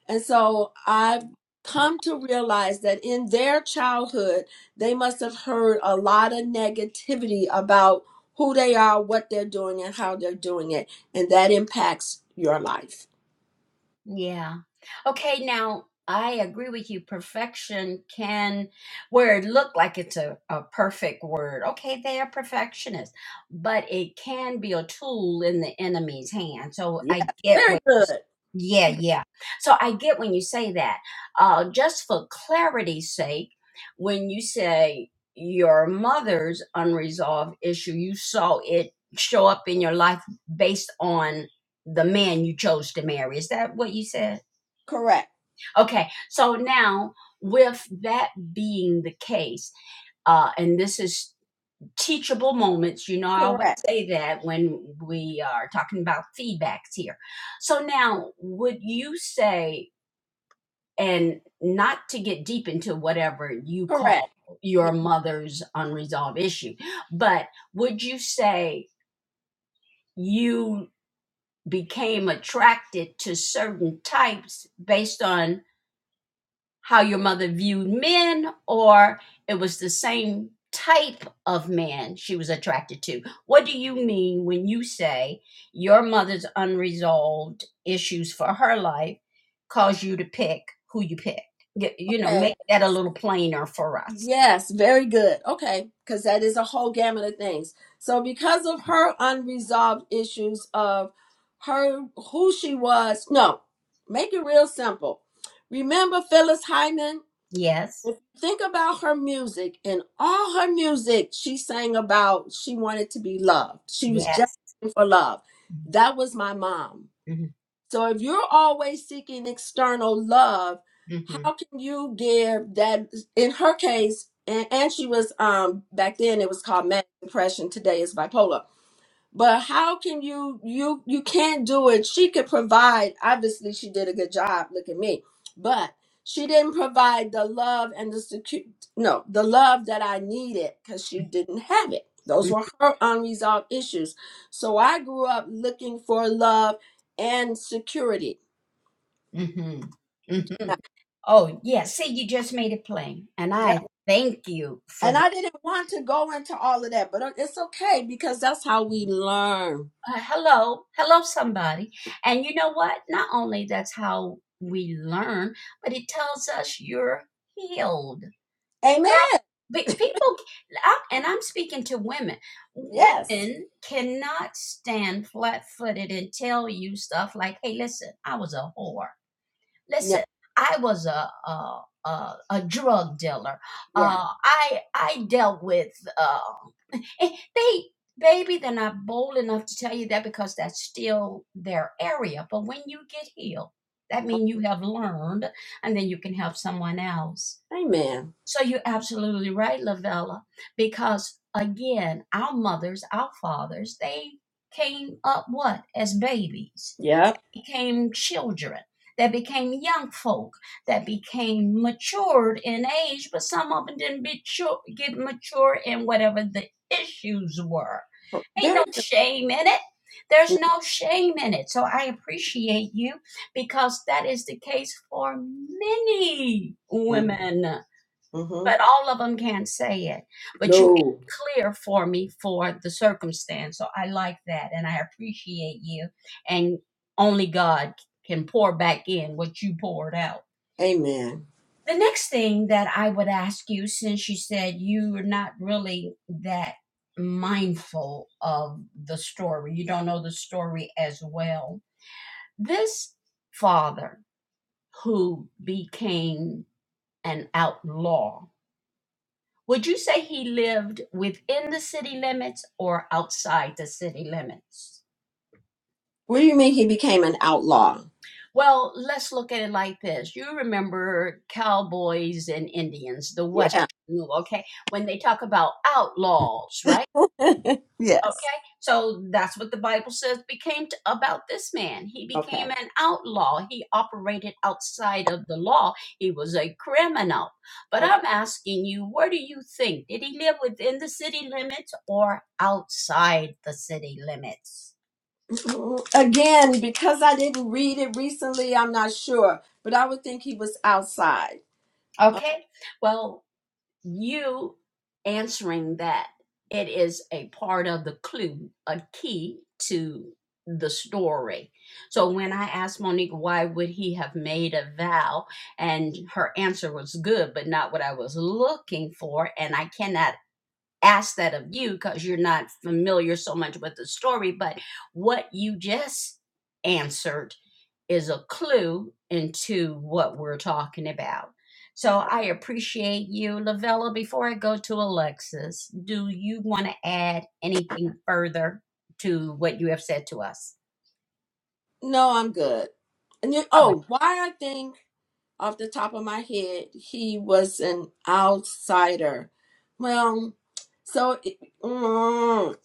[SPEAKER 3] And so I've come to realize that in their childhood, they must have heard a lot of negativity about who they are, what they're doing, and how they're doing it. And that impacts your life.
[SPEAKER 1] Yeah. Okay, now I agree with you. Perfection can, where it looked like it's a, a perfect word. Okay, they are perfectionists, but it can be a tool in the enemy's hand. So
[SPEAKER 3] Yes.
[SPEAKER 1] I get
[SPEAKER 3] Very
[SPEAKER 1] what,
[SPEAKER 3] good.
[SPEAKER 1] yeah, yeah. So I get when you say that. Uh, just for clarity's sake, when you say your mother's unresolved issue, you saw it show up in your life based on the man you chose to marry. Is that what you said?
[SPEAKER 3] Correct.
[SPEAKER 1] Okay, so now with that being the case, uh, and this is teachable moments, you know, I always
[SPEAKER 3] Correct.
[SPEAKER 1] say that when we are talking about feedbacks here. So now, would you say, and not to get deep into whatever you call
[SPEAKER 3] Correct. Yeah.
[SPEAKER 1] your mother's unresolved issue, but would you say you became attracted to certain types based on? how your mother viewed men or it was the same type of man she was attracted to. What do you mean when you say your mother's unresolved issues for her life cause you to pick who you pick? Y- You know,
[SPEAKER 3] Okay.
[SPEAKER 1] make that a little plainer for us.
[SPEAKER 3] Yes, very good. Okay, because that is a whole gamut of things. So because of her unresolved issues of her who she was, no, make it real simple. Remember Phyllis Hyman?
[SPEAKER 1] Yes.
[SPEAKER 3] If you think about her music and all her music, she sang about she wanted to be loved. She was just
[SPEAKER 1] Yes.
[SPEAKER 3] looking for love. That was my mom.
[SPEAKER 1] hmm
[SPEAKER 3] So if you're always seeking external love,
[SPEAKER 1] hmm
[SPEAKER 3] how can you give that? In her case, and, and she was um back then it was called manic depression. Today is bipolar but how can you you you can't do it she could provide obviously she did a good job look at me but she didn't provide the love and the secure no the love that i needed because she didn't have it those were her unresolved issues so i grew up looking for love and security
[SPEAKER 1] hmm hmm
[SPEAKER 3] Now-
[SPEAKER 1] Oh, yes. See, you just made it plain. And
[SPEAKER 3] yeah,
[SPEAKER 1] I thank you for
[SPEAKER 3] and
[SPEAKER 1] that.
[SPEAKER 3] i didn't want to go into all of that but uh, it's okay because that's how we learn
[SPEAKER 1] uh, hello, hello, somebody. And you know what? Not only that's how we learn, but it tells us you're healed.
[SPEAKER 3] amen
[SPEAKER 1] Girl, pe- people, I- and I'm speaking to women,
[SPEAKER 3] yes
[SPEAKER 1] women cannot stand flat footed and tell you stuff like, hey, listen, I was a whore.
[SPEAKER 3] no
[SPEAKER 1] Listen, I was a, a, a, a drug dealer.
[SPEAKER 3] yeah
[SPEAKER 1] Uh, I I dealt with. Uh, Eh, They baby, they're not bold enough to tell you that because that's still their area. But when you get healed, that means you have learned and then you can help someone else.
[SPEAKER 3] amen
[SPEAKER 1] So you're absolutely right, Lavella, because again, our mothers, our fathers, they came up what? As babies
[SPEAKER 3] Yep.
[SPEAKER 1] became children, that became young folk, that became matured in age, but some of them didn't be chu- get mature in whatever the issues were. Ain't no
[SPEAKER 3] Very
[SPEAKER 1] shame in it. There's
[SPEAKER 3] good.
[SPEAKER 1] no shame in it. So I appreciate you because that is the case for many
[SPEAKER 3] No.
[SPEAKER 1] women
[SPEAKER 3] hmm
[SPEAKER 1] but all of them can't say it. But you made
[SPEAKER 3] no.
[SPEAKER 1] it clear for me for the circumstance. So I like that and I appreciate you. And only God can pour back in what you poured out.
[SPEAKER 3] Amen.
[SPEAKER 1] The next thing that I would ask you, since you said you were not really that mindful of the story, you don't know the story as well. This father who became an outlaw Would you say he lived within the city limits or outside the city limits?
[SPEAKER 3] What do you mean he became an outlaw?
[SPEAKER 1] Well, let's look at it like this. You remember cowboys and Indians, the Western,
[SPEAKER 3] Yeah.
[SPEAKER 1] okay? When they talk about outlaws, right?
[SPEAKER 3] [laughs] Yes.
[SPEAKER 1] Okay, so that's what the Bible says became t about this man. He
[SPEAKER 3] Okay.
[SPEAKER 1] became an outlaw. He operated outside of the law. He was a criminal. But
[SPEAKER 3] Okay.
[SPEAKER 1] I'm asking you, where do you think? Did he live within the city limits or outside the city limits?
[SPEAKER 3] Again, because I didn't read it recently, I'm not sure, but I would think he was outside.
[SPEAKER 1] Okay, well, you answering that it is a part of the clue a key to the story so when i asked monique why would he have made a vow and her answer was good but not what i was looking for and i cannot ask that of you because you're not familiar so much with the story, but what you just answered is a clue into what we're talking about. So I appreciate you, Lavella. Before I go to Alexis, do you want to add anything further to what you have said to us?
[SPEAKER 3] No, I'm good. And you,
[SPEAKER 1] All right,
[SPEAKER 3] oh, why I think off the top of my head he was an outsider. Well, so it- mm,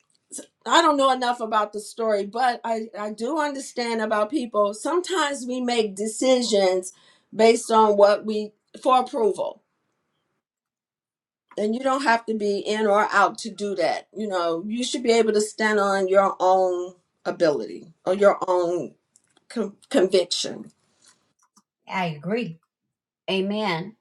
[SPEAKER 3] I don't know enough about the story, but I, I do understand about people. Sometimes we make decisions based on what we for approval. And you don't have to be in or out to do that. You know, you should be able to stand on your own ability or your own con- conviction
[SPEAKER 1] I agree. Amen.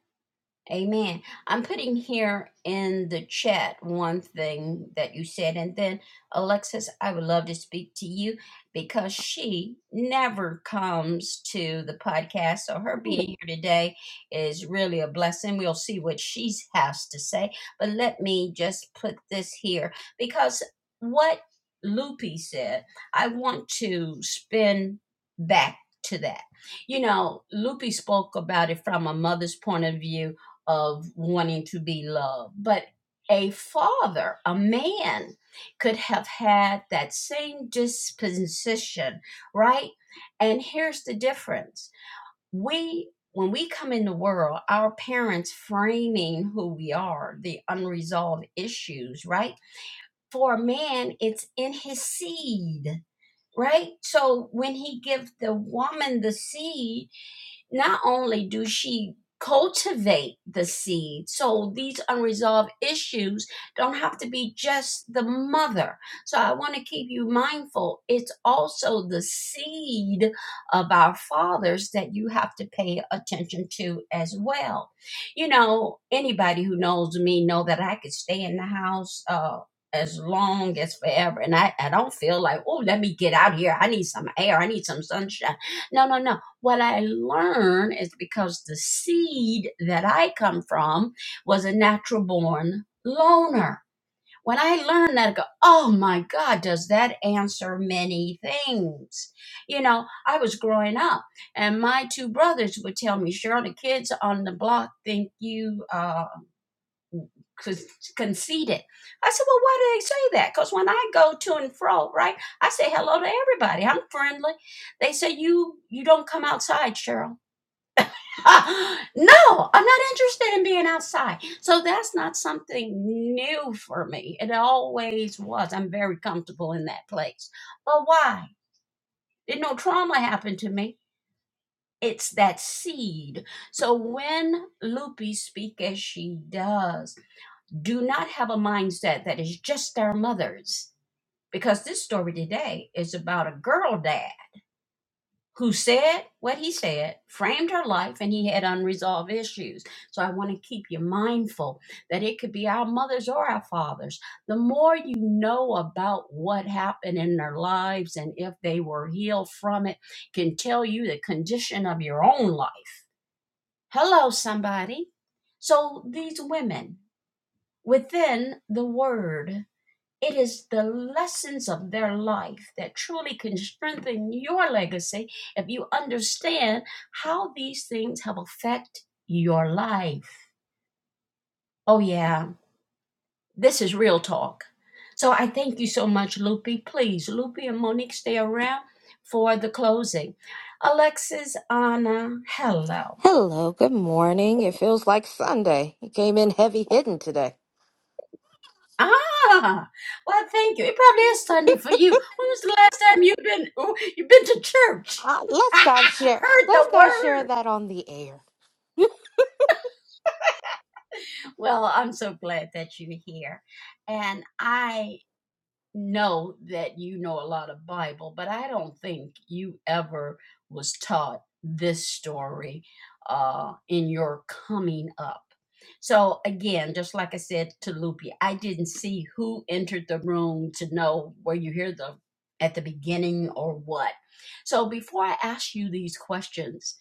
[SPEAKER 1] Amen. I'm putting here in the chat one thing that you said, and then Alexis, I would love to speak to you because she never comes to the podcast. So her being here today is really a blessing. We'll see what she has to say, but let me just put this here because what Loopy said, I want to spin back to that. You know, Loopy spoke about it from a mother's point of view of wanting to be loved. But a father, a man, could have had that same disposition, right? And here's the difference. We, when we come in the world, our parents framing who we are, the unresolved issues, right? For a man, it's in his seed, right? So when he gives the woman the seed, not only do she cultivate the seed so these unresolved issues don't have to be just the mother so i want to keep you mindful it's also the seed of our fathers that you have to pay attention to as well you know anybody who knows me know that i could stay in the house uh as long as forever and I, I don't feel like oh let me get out here i need some air i need some sunshine no no no what I learn is because the seed that I come from was a natural born loner. When I learned that, I go, oh my God, does that answer many things? You know, I was growing up, and my two brothers would tell me, Cheryl, the kids on the block think you uh, con- conceited. I said, well, why do they say that? Because when I go to and fro, right, I say hello to everybody. I'm friendly. They say you you don't come outside, Cheryl. [laughs] no, I'm not interested in being outside. So that's not something new for me. It always was. I'm very comfortable in that place. But why? Did no trauma happen to me? It's that seed. So when Loopy speak as she does, do not have a mindset that is just our mothers. Because this story today is about a girl dad. who said what he said, framed her life, and he had unresolved issues. So I want to keep you mindful that it could be our mothers or our fathers. The more you know about what happened in their lives and if they were healed from it, can tell you the condition of your own life. Hello, somebody. So these women within the word. It is the lessons of their life that truly can strengthen your legacy if you understand how these things have affected your life. Oh, yeah, this is real talk. So I thank you so much, Loopy. Please, Loopy and Monique, stay around for the closing. Alexis, Anna, hello.
[SPEAKER 4] Hello, good morning. It feels like Sunday. You came in heavy hidden today.
[SPEAKER 1] Ah, well, thank you. It probably is Sunday for you. When was the last time you've been oh, you've been to church?
[SPEAKER 4] Uh, let's not
[SPEAKER 1] [laughs]
[SPEAKER 4] share.
[SPEAKER 1] heard the
[SPEAKER 4] Let's not
[SPEAKER 1] word.
[SPEAKER 4] share that on the air.
[SPEAKER 1] Well, I'm so glad that you're here. And I know that you know a lot of Bible, but I don't think you ever was taught this story uh, in your coming up. So again, just like I said to Loopy, I didn't see who entered the room to know where you hear the at the beginning or what. So before I ask you these questions,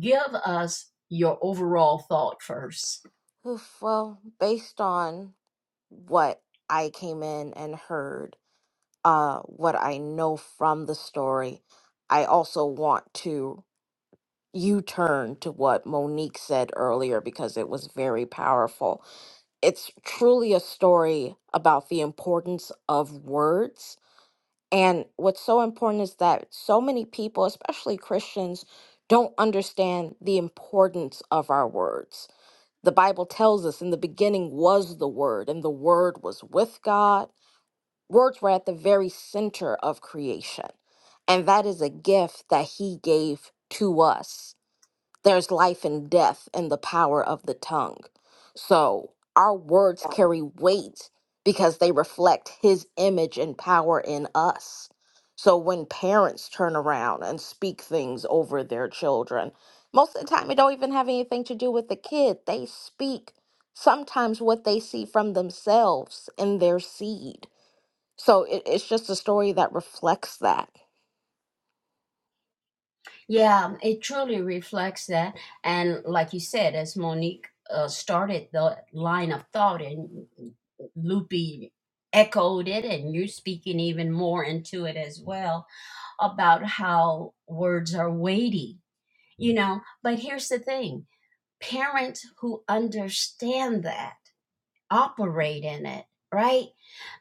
[SPEAKER 1] give us your overall thought first
[SPEAKER 4] Oof, well, based on what I came in and heard, uh, what I know from the story, I also want to U-turn to what Monique said earlier because it was very powerful. It's truly a story about the importance of words And what's so important is that so many people, especially Christians, don't understand the importance of our words. The Bible tells us in the beginning was the Word, and the Word was with God. Words were at the very center of creation. And that is a gift that He gave to us there's life and death in the power of the tongue. So our words carry weight because they reflect his image and power in us. So when parents turn around and speak things over their children, most of the time it don't even have anything to do with the kid. They speak sometimes what they see from themselves in their seed. So it, it's just a story that reflects that.
[SPEAKER 1] Yeah, it truly reflects that. And like you said, as Monique uh, started the line of thought, and Loopy echoed it, and you're speaking even more into it as well about how words are weighty, you know. But here's the thing parents who understand that operate in it, right?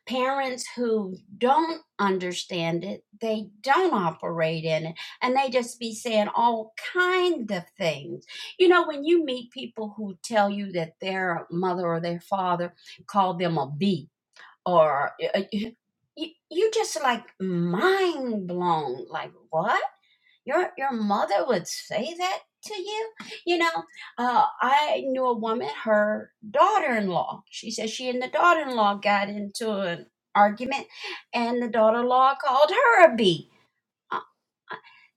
[SPEAKER 1] parents who don't understand it, they don't operate in it, and they just be saying all kind of things. You know, when you meet people who tell you that their mother or their father called them a B, or uh, you, you just like mind blown, like what? your your mother would say that to you you know uh, i knew a woman her daughter-in-law she said she and the daughter-in-law got into an argument and the daughter-in-law called her a bee.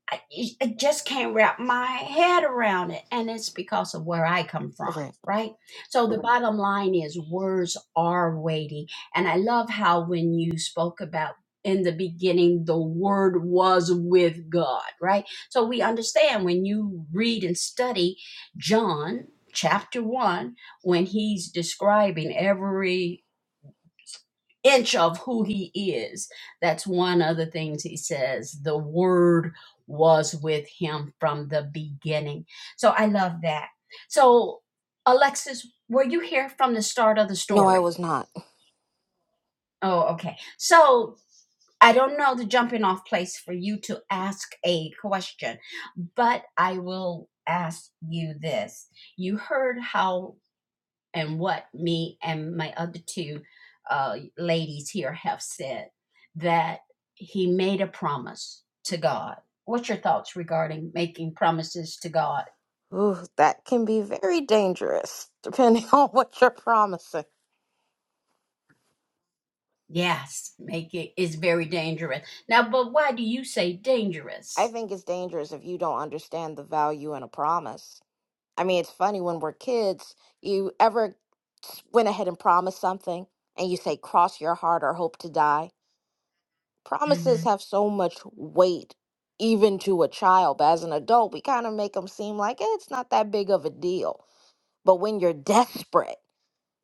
[SPEAKER 1] I, I just can't wrap my head around it. And it's because of where I come from,
[SPEAKER 4] Right.
[SPEAKER 1] right? So the bottom line is words are weighty. And I love how when you spoke about in the beginning, the word was with God, right? So we understand when you read and study John chapter one, when he's describing every inch of who he is. That's one of the things he says. The word was with him from the beginning. So I love that. So, Alexis, were you here from the start of the
[SPEAKER 4] No, I
[SPEAKER 1] story?
[SPEAKER 4] was not.
[SPEAKER 1] Oh, okay. So I don't know the jumping off place for you to ask a question, but I will ask you this. You heard how and what me and my other two uh, ladies here have said that he made a promise to God. What's your thoughts regarding making promises to God?
[SPEAKER 4] Ooh, that can be very dangerous, depending [laughs] on what you're promising.
[SPEAKER 1] Yes, make it is very dangerous. Now, but why do you say
[SPEAKER 4] I
[SPEAKER 1] dangerous?
[SPEAKER 4] think it's dangerous if you don't understand the value in a promise. I mean, it's funny when we're kids, you ever s- went ahead and promised something and you say, cross your heart or hope to die? Promises
[SPEAKER 1] Mm-hmm.
[SPEAKER 4] have so much weight, even to a child. But as an adult, we kind of make them seem like eh, it's not that big of a deal. But when you're [laughs] desperate,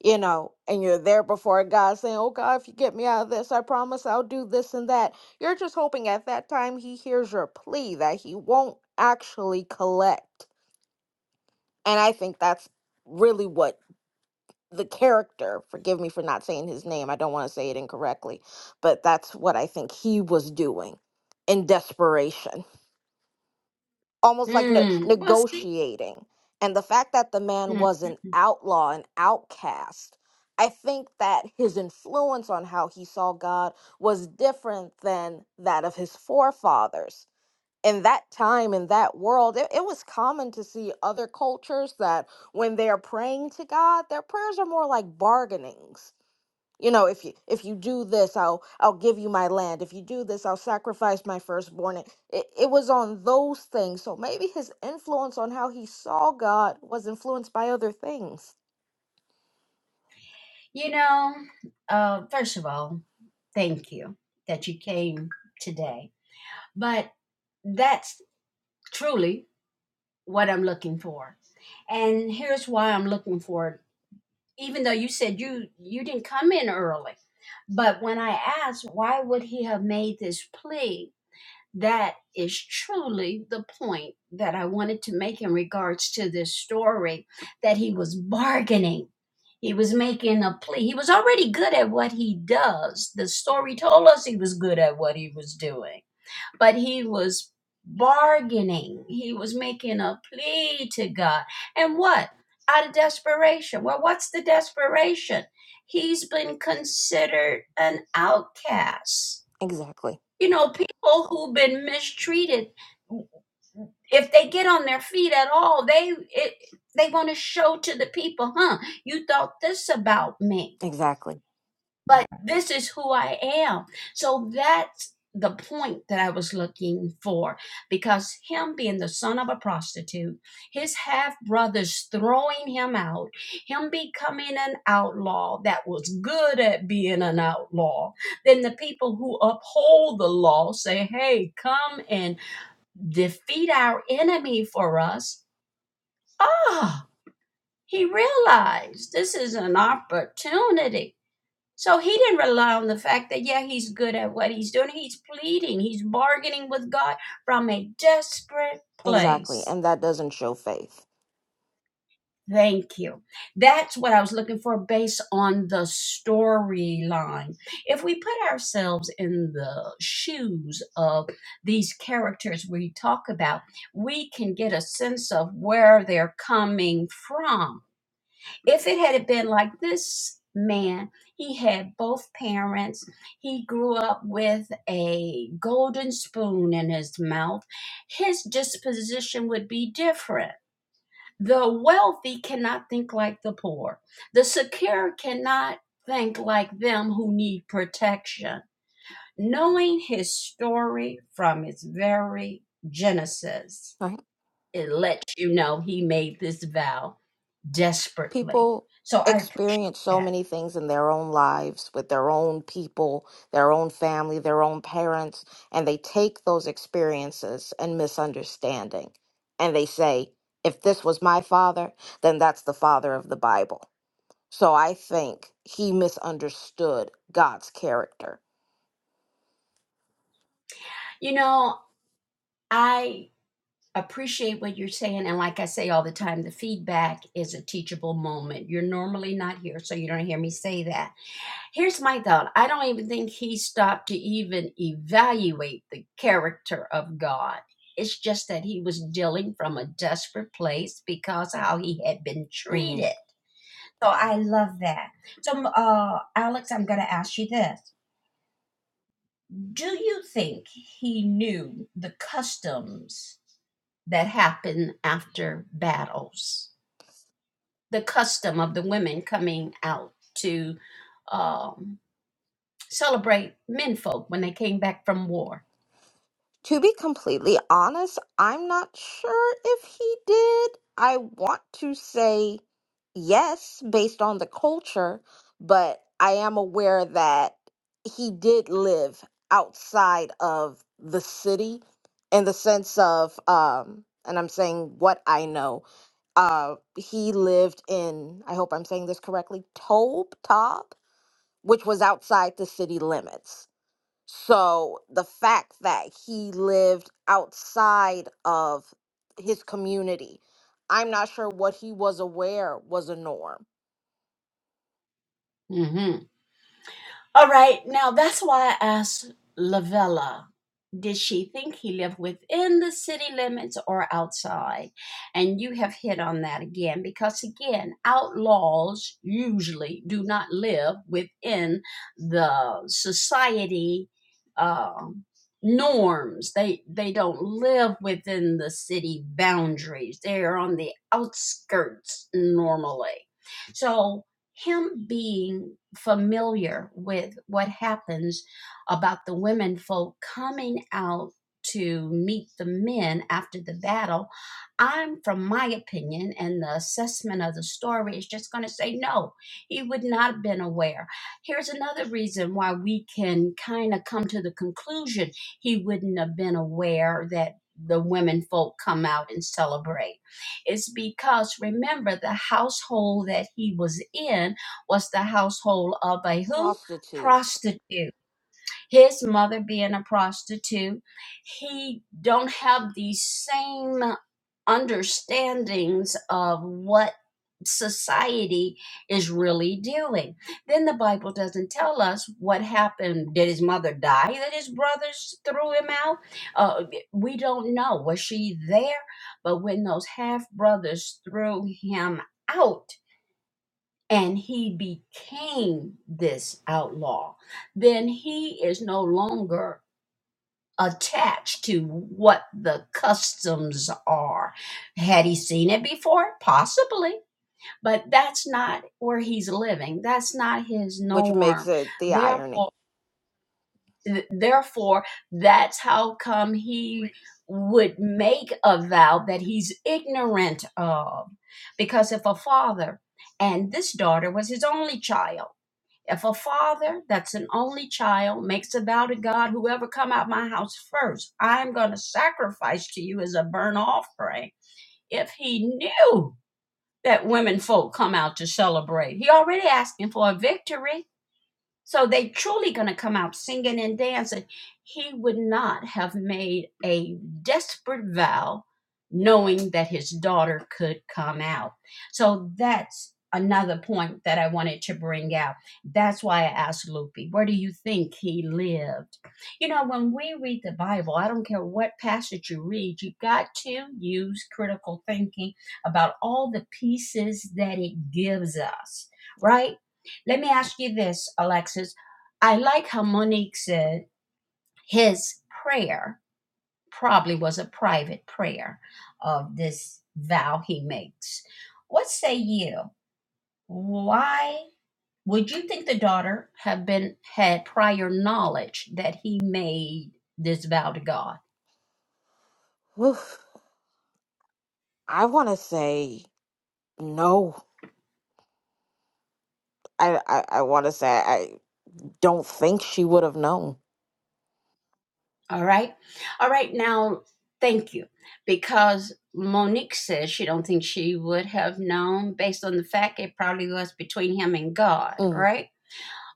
[SPEAKER 4] you know, and you're there before God saying, Oh God, if you get me out of this, I promise I'll do this and that. You're just hoping at that time He hears your plea that He won't actually collect. And I think that's really what the character, forgive me for not saying his name, I don't want to say it incorrectly, but that's what I think he was doing in desperation almost like ne-
[SPEAKER 1] Mm, well, see,
[SPEAKER 4] negotiating. And the fact that the man
[SPEAKER 1] mm,
[SPEAKER 4] was an outlaw, an outcast, I think that his influence on how he saw God was different than that of his forefathers. In that time, in that world, it, it was common to see other cultures that when they are praying to God, their prayers are more like bargainings you know if you if you do this i'll i'll give you my land if you do this i'll sacrifice my firstborn it, it, it was on those things so maybe his influence on how he saw god was influenced by other things
[SPEAKER 1] you know, uh, first of all, thank you that you came today. But that's truly what I'm looking for. And here's why I'm looking for it. Even though you said you you didn't come in early, but when I asked why would he have made this plea, that is truly the point that I wanted to make in regards to this story that he was bargaining. He was making a plea. He was already good at what he does. The story told us he was good at what he was doing but he was bargaining. He was making a plea to God. And what? Out of desperation. Well, what's the desperation? He's been considered an outcast.
[SPEAKER 4] Exactly.
[SPEAKER 1] You know, people who've been mistreated, if they get on their feet at all, they it, they want to show to the people, huh? You thought this about me
[SPEAKER 4] Exactly.
[SPEAKER 1] but this is who I am. So that's the point that I was looking for because him being the son of a prostitute, his half brothers throwing him out, him becoming an outlaw that was good at being an outlaw, then the people who uphold the law say, hey, come and defeat our enemy for us. Ah, he realized this is an opportunity. So he didn't rely on the fact that, yeah, he's good at what he's doing. He's pleading, he's bargaining with God from a desperate
[SPEAKER 4] exactly
[SPEAKER 1] place.
[SPEAKER 4] and that doesn't show faith
[SPEAKER 1] Thank you. That's what I was looking for based on the storyline. If we put ourselves in the shoes of these characters we talk about, we can get a sense of where they're coming from If it had been like this man, he had both parents. He grew up with a golden spoon in his mouth. His disposition would be different. The wealthy cannot think like the poor. The secure cannot think like them who need protection. Knowing his story from its very genesis,
[SPEAKER 4] Right.
[SPEAKER 1] it lets you know he made this vow desperately.
[SPEAKER 4] People
[SPEAKER 1] So I appreciate
[SPEAKER 4] experience
[SPEAKER 1] that.
[SPEAKER 4] so many things in their own lives with their own people, their own family, their own parents, and they take those experiences and misunderstanding. And they say, if this was my father, then that's the father of the Bible. So I think he misunderstood God's character.
[SPEAKER 1] You know, I appreciate what you're saying. And like I say all the time, the feedback is a teachable moment. You're normally not here, so you don't hear me say that. Here's my thought I don't even think he stopped to even evaluate the character of God. It's just that he was dealing from a desperate place because how he had been
[SPEAKER 4] Mm-hmm.
[SPEAKER 1] treated. So I love that. So, uh, Alex, I'm going to ask you this. Do you think he knew the customs that happen after battles? The custom of the women coming out to um, celebrate menfolk when they came back from war.
[SPEAKER 4] To be completely honest, I'm not sure if he did. I want to say yes, based on the culture, but I am aware that he did live outside of the city in the sense of, um, and I'm saying what I know. Uh, he lived in, I hope I'm saying this correctly, Tobe, Tob, which was outside the city limits. So the fact that he lived outside of his community, I'm not sure what he was aware was a norm.
[SPEAKER 1] Mm-hmm. All right, now that's why I asked Lavella. Did she think he lived within the city limits or outside? And you have hit on that again because, again, outlaws usually do not live within the society um norms. They they don't live within the city boundaries. They are on the outskirts normally. So him being familiar with what happens about the women folk coming out to meet the men after the battle, I'm from my opinion and the assessment of the story is just going to say no, he would not have been aware. Here's another reason why we can kind of come to the conclusion he wouldn't have been aware that the women folk come out and celebrate it's because remember the household that he was in was the household of a who?
[SPEAKER 4] Prostitute,
[SPEAKER 1] Prostitute. His mother being a prostitute, he don't have the same understandings of what society is really doing. Then the Bible doesn't tell us what happened. Did his mother die that his brothers threw him out? Uh, we don't know. Was she there? But when those half brothers threw him out, and he became this outlaw, then he is no longer attached to what the customs are. Had he seen it before? Possibly but that's not where he's living that's not his
[SPEAKER 4] which makes
[SPEAKER 1] norm
[SPEAKER 4] it the irony.
[SPEAKER 1] therefore therefore that's how come he would make a vow that he's ignorant of because if a father and this daughter was his only child if a father that's an only child makes a vow to god whoever come out my house first i'm going to sacrifice to you as a burnt offering if he knew that women folk come out to celebrate. He already asking for a victory. So they truly going to come out singing and dancing. He would not have made a desperate vow knowing that his daughter could come out. So that's another point that I wanted to bring out. That's why I asked Loopy, where do you think he lived? You know, when we read the Bible, I don't care what passage you read, you've got to use critical thinking about all the pieces that it gives us, right? Let me ask you this, Alexis. I like how Monique said his prayer probably was a private prayer of this vow he makes. What say you? Why would you think the daughter have been had prior knowledge that he made this vow to God?
[SPEAKER 4] Oof. I want to say no. I, I, I want to say I don't think she would have known.
[SPEAKER 1] All right. All right. Now, thank you. Because Monique says she don't think she would have known based on the fact it probably was between him and God,
[SPEAKER 4] Mm.
[SPEAKER 1] right?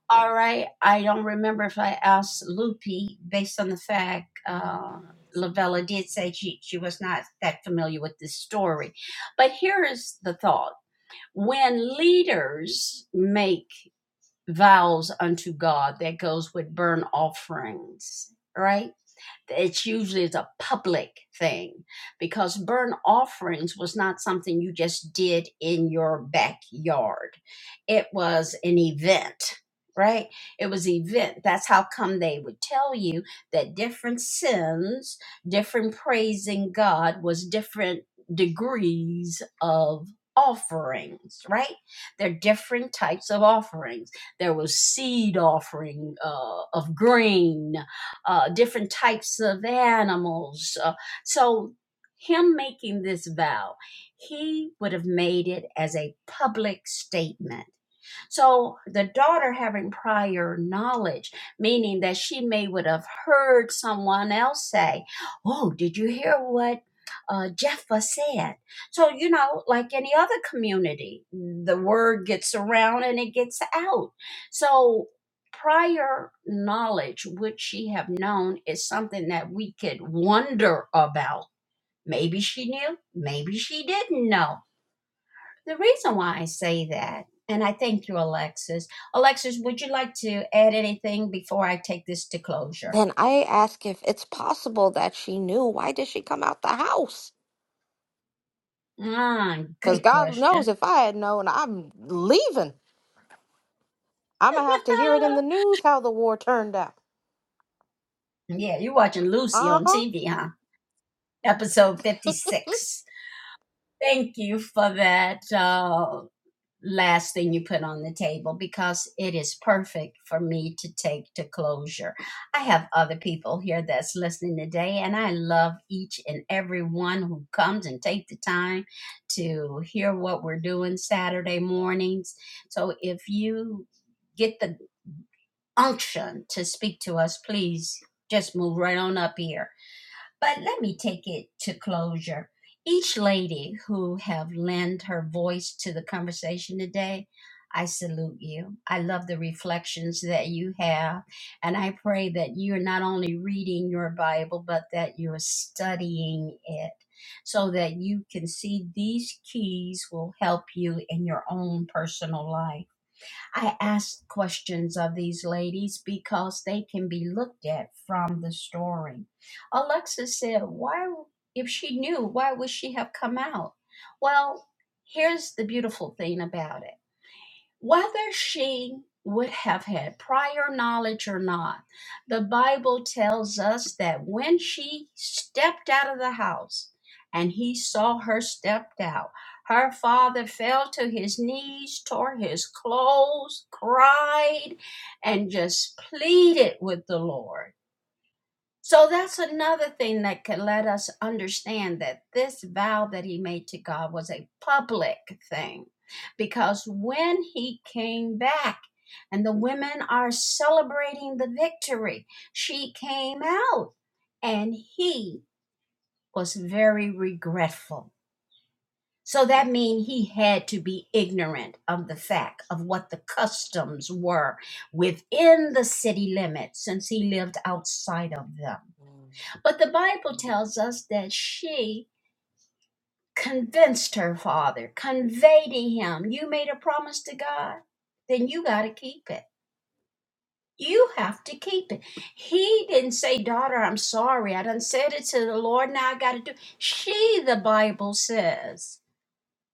[SPEAKER 1] All right. I don't remember if I asked Lupi based on the fact uh, Lavella did say she, she was not that familiar with this story. But here is the thought. When leaders make vows unto God, that goes with burnt offerings, right? It's usually the public thing because burnt offerings was not something you just did in your backyard. It was an event, right? It was an event. That's how come they would tell you that different sins, different praising God was different degrees of offerings, right? There are different types of offerings there was seed offering uh, of grain uh, different types of animals. Uh, so, him making this vow, he would have made it as a public statement so the daughter having prior knowledge, meaning that she may would have heard someone else say, "Oh, did you hear what uh, Jeffa said?" So you know, like any other community, the word gets around and it gets out. So prior knowledge, which she have known, is something that we could wonder about. Maybe she knew, maybe she didn't know the reason why I say that, and I think you, Alexis, Alexis, would you like to add anything before I take this to closure?
[SPEAKER 4] Then I ask if it's possible that she knew. Why did she come out the house?
[SPEAKER 1] Ah,
[SPEAKER 4] Because
[SPEAKER 1] good
[SPEAKER 4] God knows
[SPEAKER 1] question.
[SPEAKER 4] if I had known, I'm leaving. I'm gonna
[SPEAKER 1] [laughs]
[SPEAKER 4] have to hear it in the news how the war turned out.
[SPEAKER 1] yeah, you're watching Lucy
[SPEAKER 4] Uh
[SPEAKER 1] on
[SPEAKER 4] huh.
[SPEAKER 1] TV, huh? Episode 56. Thank you for that. uh, last thing you put on the table because it is perfect for me to take to closure. I have other people here that's listening today and I love each and every one who comes and take the time to hear what we're doing Saturday mornings. So if you get the unction to speak to us, please just move right on up here but let me take it to closure. Each lady who have lent her voice to the conversation today, I salute you. I love the reflections that you have. And I pray that you're not only reading your Bible, but that you're studying it so that you can see these keys will help you in your own personal life. I asked questions of these ladies because they can be looked at from the story. Alexa said, Why, if she knew, why would she have come out? Well, here's the beautiful thing about it. Whether she would have had prior knowledge or not, the Bible tells us that when she stepped out of the house and he saw her stepped out, her father fell to his knees, tore his clothes, cried, and just pleaded with the Lord so that's another thing that could let us understand that this vow that he made to God was a public thing. Because when he came back, and the women are celebrating the victory, she came out and he was very regretful. So that means he had to be ignorant of the fact of what the customs were within the city limits since he lived outside of them.
[SPEAKER 4] Mm.
[SPEAKER 1] But the Bible tells us that she convinced her father, conveyed to him, You made a promise to God, then you got to keep it. You have to keep it. He didn't say, Daughter, I'm sorry. I done said it to the Lord. Now I got to do. it. She, the Bible says,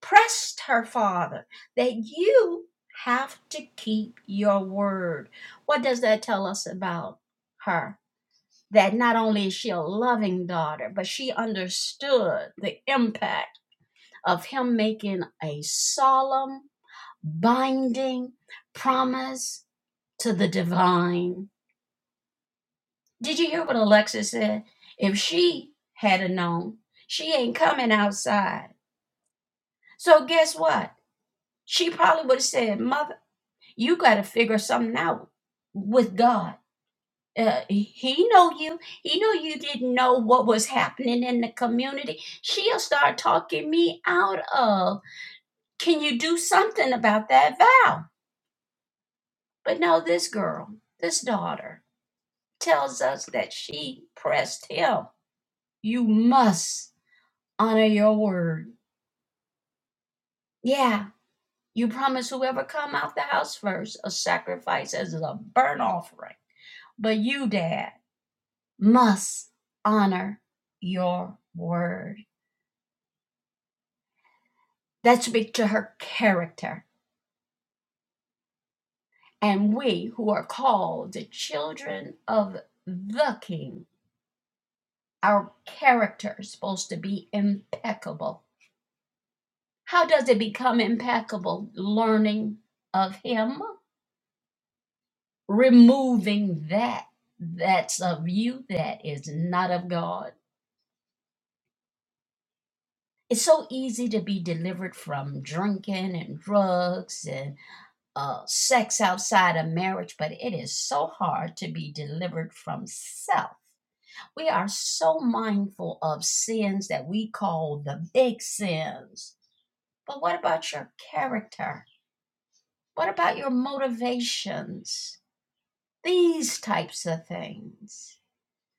[SPEAKER 1] pressed her father that you have to keep your word. What does that tell us about her? that not only is she a loving daughter, but she understood the impact of him making a solemn, binding promise to the divine. Did you hear what Alexis said? If she had known, she ain't coming outside. So guess what? She probably would have said, Mother, you got to figure something out with God uh, he know you he know you didn't know what was happening in the community she'll start talking me out of can you do something about that vow but no this girl this daughter tells us that she pressed him you must honor your word yeah you promise whoever come out the house first a sacrifice as a burnt offering but you dad must honor your word That speak to her character. And we who are called the children of the King, our character is supposed to be impeccable. How does it become impeccable? Learning of Him, removing that that's of you that is not of God. It's so easy to be delivered from drinking and drugs and uh, sex outside of marriage, but it is so hard to be delivered from self We are so mindful of sins that we call the big sins. But what about your character? What about your motivations? These types of things.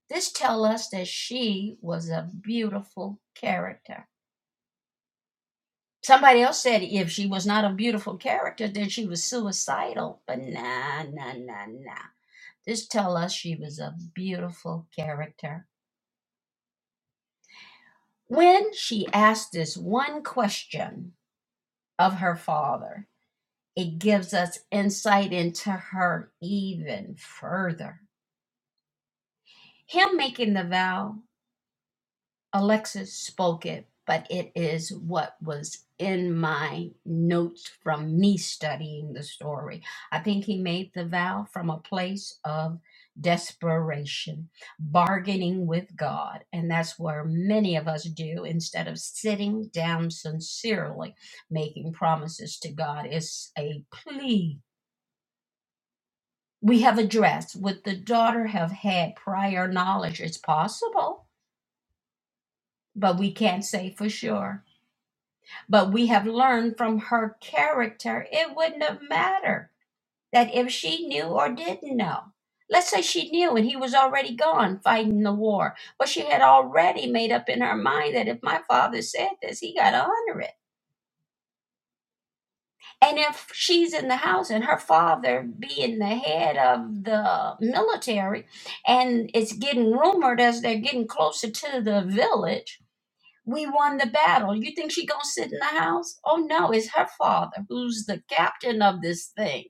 [SPEAKER 1] This tell us that she was a beautiful character. Somebody else said if she was not a beautiful character, then she was suicidal. But nah, nah, nah, nah. This tell us she was a beautiful character. When she asked this one question, of her father. It gives us insight into her even further. Him making the vow, Alexis spoke it, but it is what was in my notes from me studying the story. I think he made the vow from a place of desperation, bargaining with God. And that's where many of us do instead of sitting down sincerely making promises to God. It's a plea we have addressed would the daughter have had prior knowledge it's possible but we can't say for sure but we have learned from her character it wouldn't have mattered that if she knew or didn't know let's say she knew and he was already gone fighting the war but she had already made up in her mind that if my father said this he got to honor it And if she's in the house and her father being the head of the military, and it's getting rumored as they're getting closer to the village, we won the battle. You think she gonna sit in the house? Oh no, it's her father who's the captain of this thing.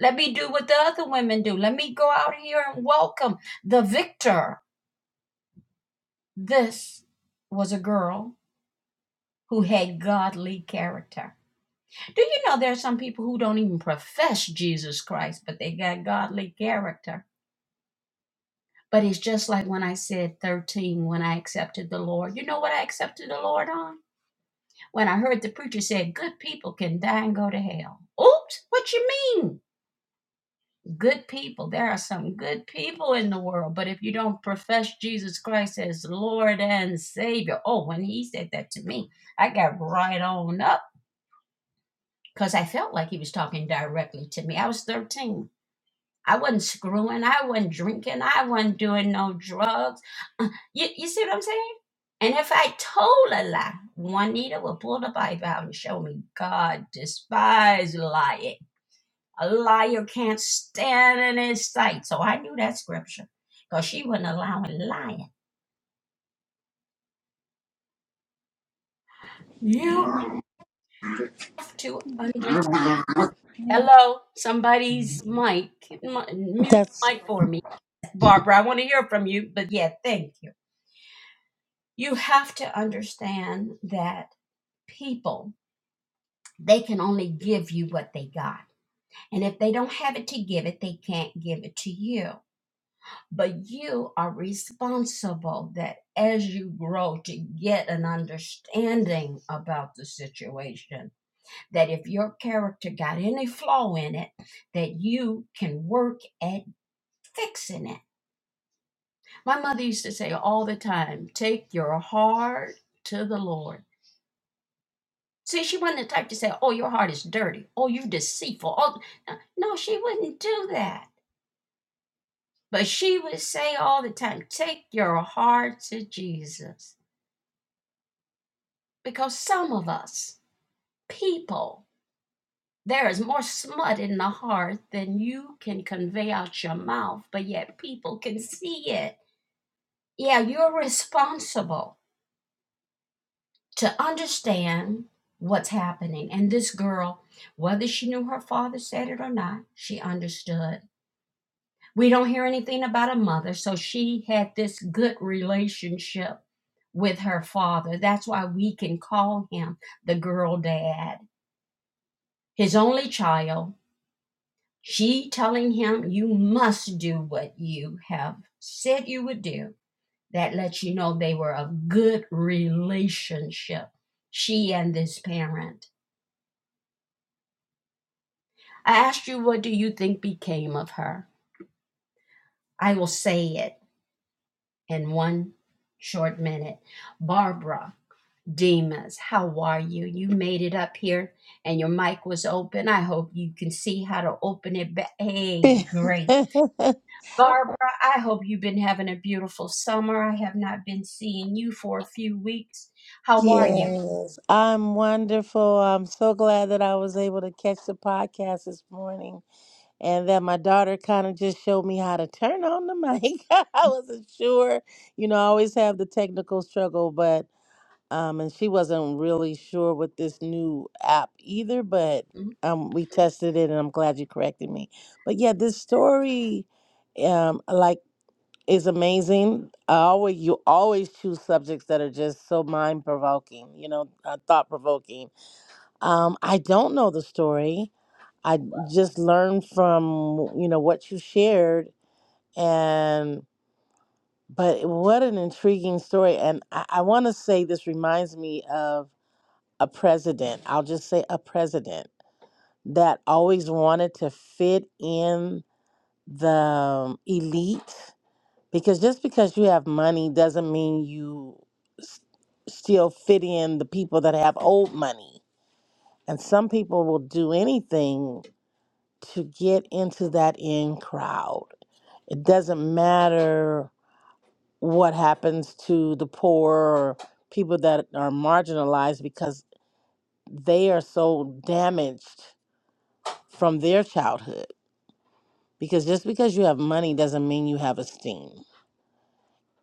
[SPEAKER 1] Let me do what the other women do. Let me go out here and welcome the victor. This was a girl who had godly character. Do you know there are some people who don't even profess Jesus Christ, but they got godly character? But it's just like when I said 13 when I accepted the Lord. You know what I accepted the Lord on? When I heard the preacher say, Good people can die and go to hell. Oops, what you mean? Good people. There are some good people in the world, but if you don't profess Jesus Christ as Lord and Savior, oh, when he said that to me, I got right on up because I felt like he was talking directly to me. I was 13 I wasn't screwing. I wasn't drinking. I wasn't doing no drugs. Uh, You, you see what I'm saying? And if I told a lie, Juanita would pull the Bible out and show me God despise lying. A liar can't stand in his sight. So I knew that scripture because she wasn't allowing lying. You have to understand. Hello, somebody's mic. Mu- Mute
[SPEAKER 5] That's
[SPEAKER 1] your mic for me. Barbara, I want to hear from you, but yeah, thank you. you have to understand that people they can only give you what they got and if they don't have it to give it they can't give it to you but you are responsible that as you grow to get an understanding about the situation that if your character got any flaw in it that you can work at fixing it my mother used to say all the time take your heart to the lord See, she wasn't the type to say, Oh, your heart is dirty. Oh, you are deceitful. Oh, no, no, she wouldn't do that. But she would say all the time, Take your heart to Jesus. Because some of us, people, there is more smut in the heart than you can convey out your mouth, but yet people can see it. Yeah, you're responsible to understand what's happening. And this girl, whether she knew her father said it or not, she understood We don't hear anything about a mother. So she had this good relationship with her father. That's why we can call him the girl dad, his only child. She telling him, You must do what you have said you would do. That lets you know they were a good relationship, she and this parent. I asked you, What do you think became of her? I will say it in one short minute. Barbara Demas, how are you? You made it up here and your mic was open. I hope you can see how to open it back. Hey,
[SPEAKER 5] [laughs]
[SPEAKER 1] great. Barbara, I hope you've been having a beautiful summer. I have not been seeing you for a few weeks. How are you?
[SPEAKER 5] yes. I'm wonderful. I'm so glad that I was able to catch the podcast this morning and that my daughter kind of just showed me how to turn on the mic. [laughs] I wasn't sure. You know, I always have the technical struggle, but um and she wasn't really sure with this new app either, but
[SPEAKER 1] Mm-hmm.
[SPEAKER 5] um we tested it and I'm glad you corrected me. But yeah, this story um like is amazing. I always you always choose subjects that are just so mind provoking, you know, uh, thought provoking. Um, I don't know the story. I just learned from you know what you shared, and but what an intriguing story. And I, I want to say this reminds me of a president. I'll just say a president that always wanted to fit in the um, elite Because just because you have money doesn't mean you s- still fit in the people that have old money. And some people will do anything to get into that in crowd. It doesn't matter what happens to the poor or people that are marginalized because they are so damaged from their childhood. Because just because you have money doesn't mean you have esteem.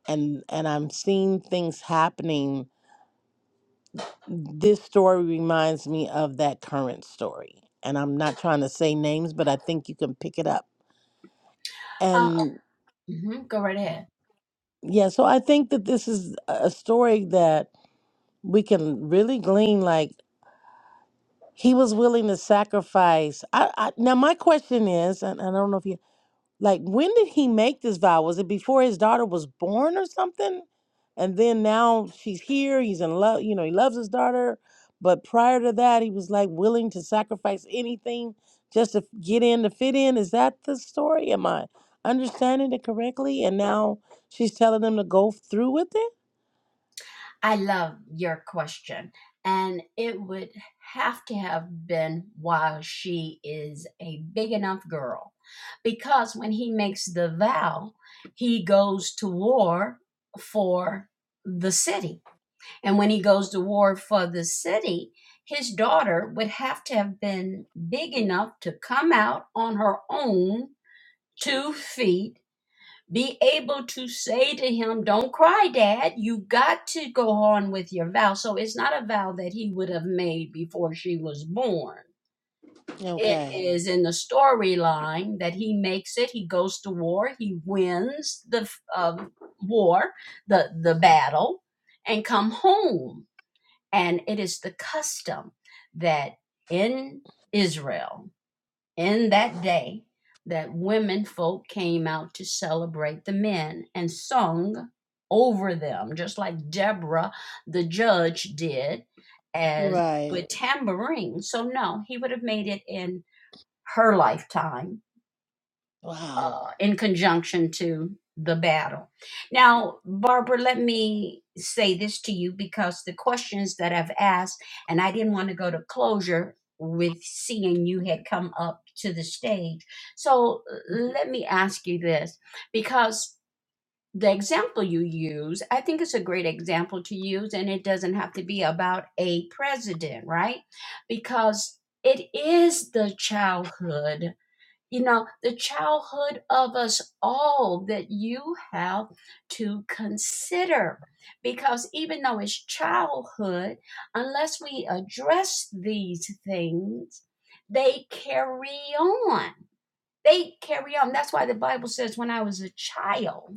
[SPEAKER 5] And and I'm seeing things happening This story reminds me of that current story. And I'm not trying to say names, but I think you can pick it up.
[SPEAKER 1] Uh,
[SPEAKER 5] And
[SPEAKER 1] mhm, Go right ahead.
[SPEAKER 5] yeah, so I think that this is a story that we can really glean. Like, he was willing to sacrifice. I, I, now, my question is, and I don't know if you Like, when did he make this vow? Was it before his daughter was born or something? And then now she's here, he's in love, you know, he loves his daughter. But prior to that, he was like willing to sacrifice anything just to get in, to fit in. Is that the story? Am I understanding it correctly? And now she's telling him to go through with it?
[SPEAKER 1] I love your question. And it would have to have been while she is a big enough girl. Because when he makes the vow, he goes to war for the city. And when he goes to war for the city, his daughter would have to have been big enough to come out on her own two feet be able to say to him, Don't cry, Dad. You got to go on with your vow. So it's not a vow that he would have made before she was born. It
[SPEAKER 5] Okay.
[SPEAKER 1] is in the storyline that he makes it. He goes to war. He wins the um, war, the, the battle, and come home. And it is the custom that in Israel in that day that women folk came out to celebrate the men and sung over them, just like Deborah the judge did as
[SPEAKER 5] Right.
[SPEAKER 1] with tambourine. So no, he would have made it in her lifetime
[SPEAKER 5] Wow.
[SPEAKER 1] uh, in conjunction to the battle. Now, Barbara, let me say this to you because the questions that I've asked, and I didn't want to go to closure with seeing you had come up to the stage. So let me ask you this because the example you use, I think it's a great example to use, and it doesn't have to be about a president, right? Because it is the childhood you know, the childhood of us all that you have to consider. Because even though it's childhood, unless we address these things, they carry on. They carry on. That's why the Bible says, when I was a child.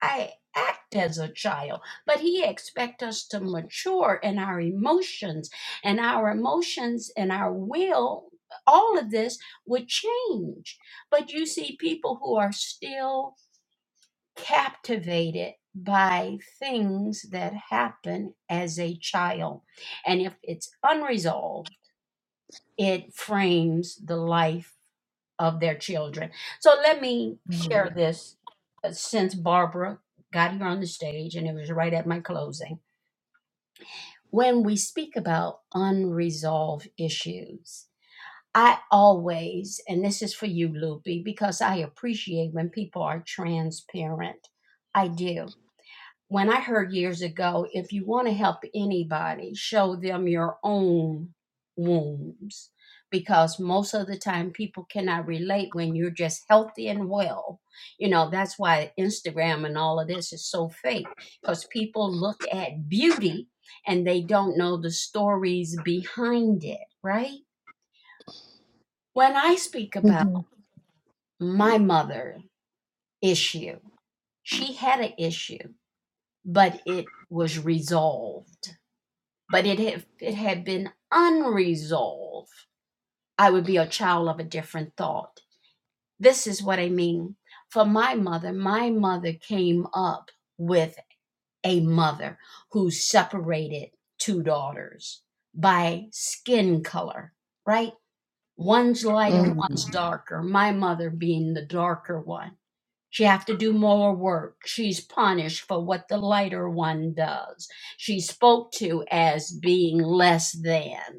[SPEAKER 1] I act as a child, but he expects us to mature in our emotions and our emotions and our will. All of this would change. But you see people who are still captivated by things that happen as a child. And if it's unresolved, it frames the life of their children. So let me
[SPEAKER 5] Mm.
[SPEAKER 1] share this uh, since Barbara got here on the stage and it was right at my closing. When we speak about unresolved issues, I always, and this is for you, Loopy, because I appreciate when people are transparent. I do when I heard years ago, if you want to help anybody, show them your own wounds. Because most of the time, people cannot relate when you're just healthy and well. You know, that's why Instagram and all of this is so fake, because people look at beauty and they don't know the stories behind it, right? When I speak about my mother issue, she had an issue, but it was resolved But it if it had been unresolved, I would be a child of a different thought. This is what I mean. For my mother, my mother came up with a mother who separated two daughters by skin color, right? One's lighter,
[SPEAKER 5] Mm.
[SPEAKER 1] one's darker. My mother being the darker one. She have to do more work. She's punished for what the lighter one does. She's spoke to as being less than.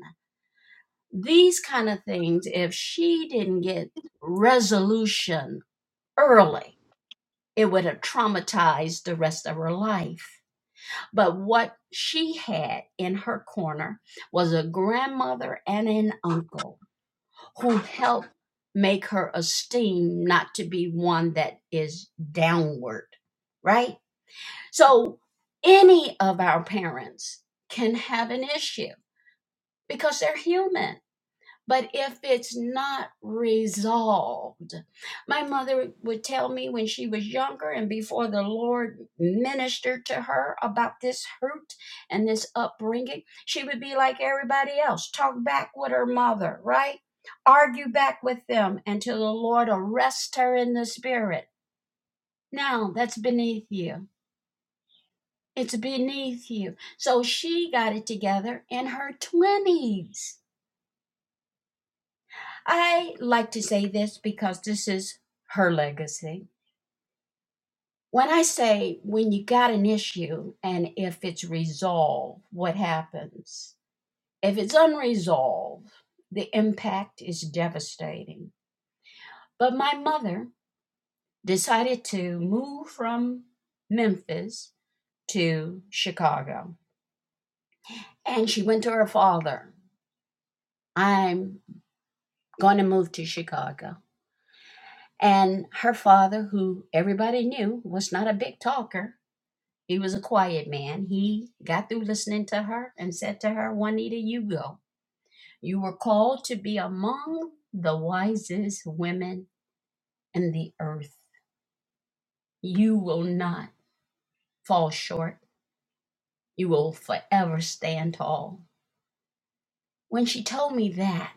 [SPEAKER 1] These kind of things, if she didn't get resolution early, it would have traumatized the rest of her life. But what she had in her corner was a grandmother and an uncle who helped make her esteem not to be one that is downward, right? So any of our parents can have an issue because they're human But if it's not resolved, my mother would tell me when she was younger and before the Lord ministered to her about this hurt and this upbringing, she would be like everybody else, talk back with her mother, right? Argue back with them until the Lord arrests her in the spirit. Now that's beneath you. It's beneath you. So she got it together in her 20s I like to say this because this is her legacy. When I say when you got an issue and if it's resolved, what happens? If it's unresolved, the impact is devastating. But my mother decided to move from Memphis to Chicago. And she went to her father. I'm going to move to Chicago. And her father, who everybody knew was not a big talker, He was a quiet man. He got through listening to her and said to her, Juanita, you go. You were called to be among the wisest women in the earth. You will not fall short. You will forever stand tall. When she told me that,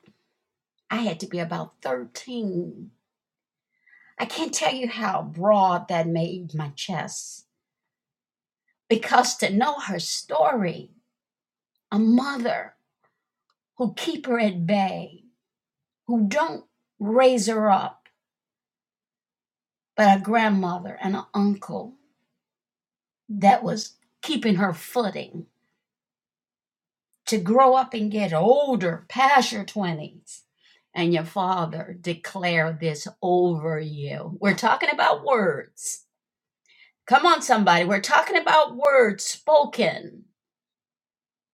[SPEAKER 1] I had to be about 13. I can't tell you how broad that made my chest because to know her story, a mother who keep her at bay, who don't raise her up, but a grandmother and an uncle that was keeping her footing to grow up and get older past your 20s and your father declare this over you we're talking about words come on somebody we're talking about words spoken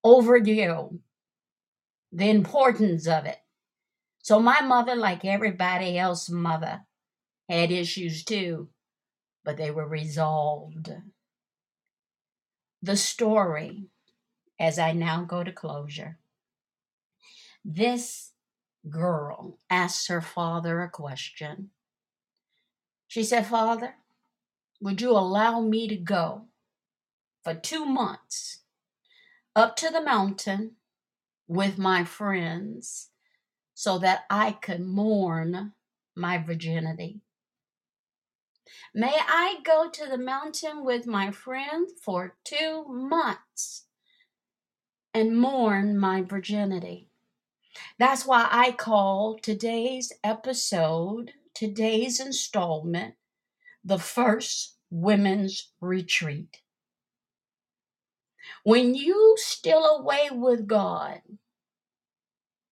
[SPEAKER 1] over you the importance of it so my mother like everybody else's mother had issues too but they were resolved the story as i now go to closure This girl asked her father a question. She said, Father, would you allow me to go for two months up to the mountain with my friends so that I could mourn my virginity? May I go to the mountain with my friends for two months and mourn my virginity? That's why I call today's episode, today's installment the first women's retreat. When you still away with God,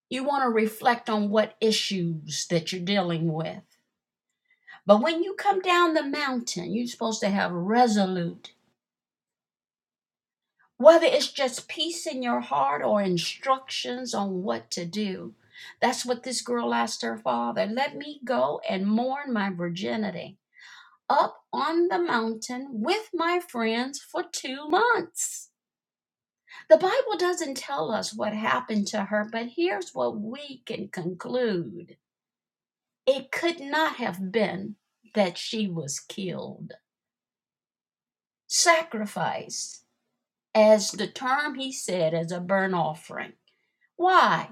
[SPEAKER 1] you want to reflect on what issues that you're dealing with. But when you come down the mountain, you're supposed to have resolute, whether it's just peace in your heart or instructions on what to do. That's what this girl asked her father. Let me go and mourn my virginity up on the mountain with my friends for two months. The Bible doesn't tell us what happened to her, but here's what we can conclude it could not have been that she was killed. Sacrifice, as the term he said, as a burnt offering. Why?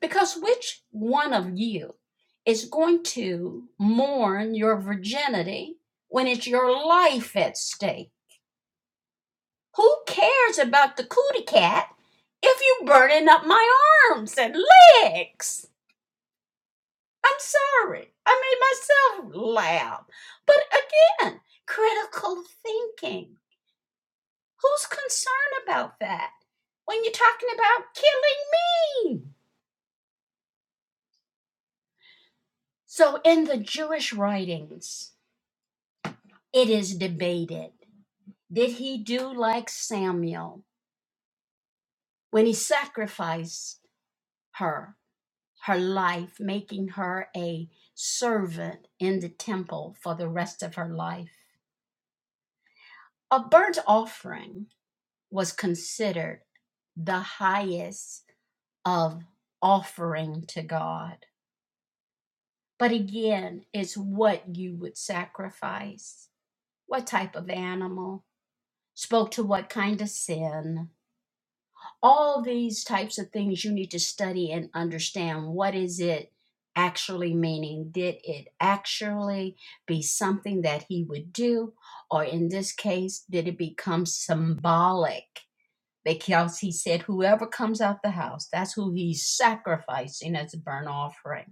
[SPEAKER 1] Because which one of you is going to mourn your virginity when it's your life at stake? Who cares about the cootie cat if you are burning up my arms and legs? I'm sorry. I made myself loud. But again, critical thinking. Who's concerned about that when you're talking about killing me? So, in the Jewish writings, it is debated did he do like Samuel when he sacrificed her, her life, making her a servant in the temple for the rest of her life? A burnt offering was considered the highest of offering to God. But again, it's what you would sacrifice, what type of animal, spoke to what kind of sin. All these types of things you need to study and understand. What is it actually meaning? Did it actually be something that he would do? Or in this case, did it become symbolic? Because he said, whoever comes out the house, that's who he's sacrificing as a burnt offering.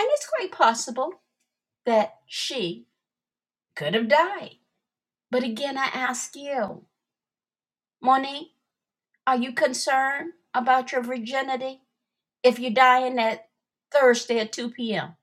[SPEAKER 1] And it's quite possible that she could have died. But again, I ask you, Monique, are you concerned about your virginity if you're dying that Thursday at 2 p.m.?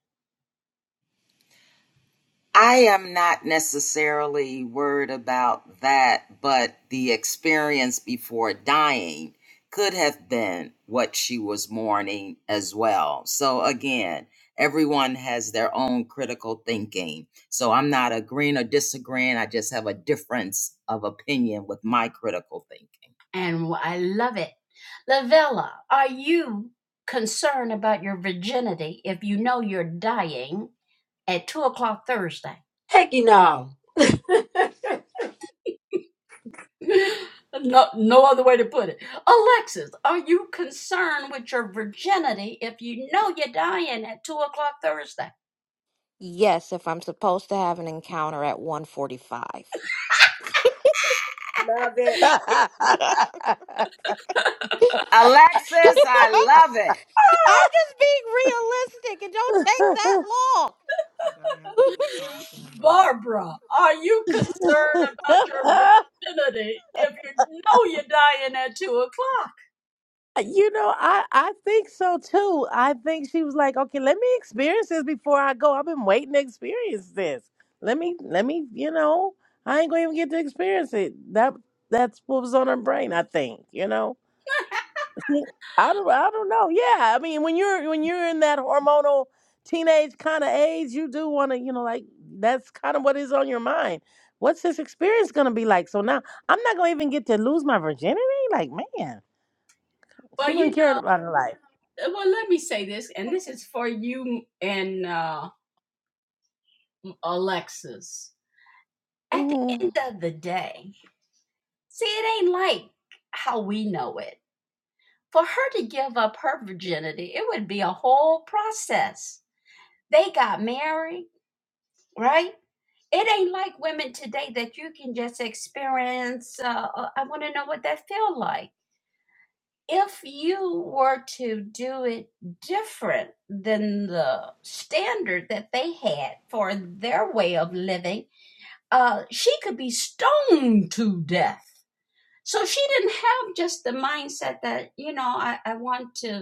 [SPEAKER 2] I am not necessarily worried about that, but the experience before dying could have been what she was mourning as well. So, again, everyone has their own critical thinking. So, I'm not agreeing or disagreeing. I just have a difference of opinion with my critical thinking.
[SPEAKER 1] And I love it. Lavella, are you concerned about your virginity if you know you're dying at 2 o'clock Thursday?
[SPEAKER 3] Heck no.
[SPEAKER 1] no, no other way to put it. Alexis, are you concerned with your virginity if you know you're dying at 2 o'clock Thursday?
[SPEAKER 4] Yes, if I'm supposed to have an encounter at 145. [laughs] I'm
[SPEAKER 5] [laughs]
[SPEAKER 2] Alexis, I love it.
[SPEAKER 4] I'm just being realistic It don't take that long. [laughs] Gotta have a good soft number. [laughs]
[SPEAKER 1] Barbara, are you concerned about your virginity if you know you're dying at 2 o'clock?
[SPEAKER 5] You know, I I think so too. I think she was like, "Okay, let me experience this before I go. I've been waiting to experience this. Let me let me, you know, I ain't going to even get to experience it." That that's what was on her brain, I think, you know. [laughs] I don't I don't know. Yeah, I mean, when you're when you're in that hormonal teenage kind of age, you do want to, you know, like that's kind of what is on your mind. What's this experience going to be like? So now I'm not going to even get to lose my virginity? Like, man, she
[SPEAKER 1] Well,
[SPEAKER 5] wouldn't
[SPEAKER 1] you
[SPEAKER 5] care
[SPEAKER 1] know,
[SPEAKER 5] about her life.
[SPEAKER 1] well, let me say this, and this is for you and uh, Alexis. At the end
[SPEAKER 5] Mm.
[SPEAKER 1] of the day, see, it ain't like how we know it For her to give up her virginity, it would be a whole process. They got married, right? It ain't like women today that you can just experience. Uh, uh, I want to know what that feel like. If you were to do it different than the standard that they had for their way of living, uh, she could be stoned to death. So she didn't have just the mindset that, you know, I, I want to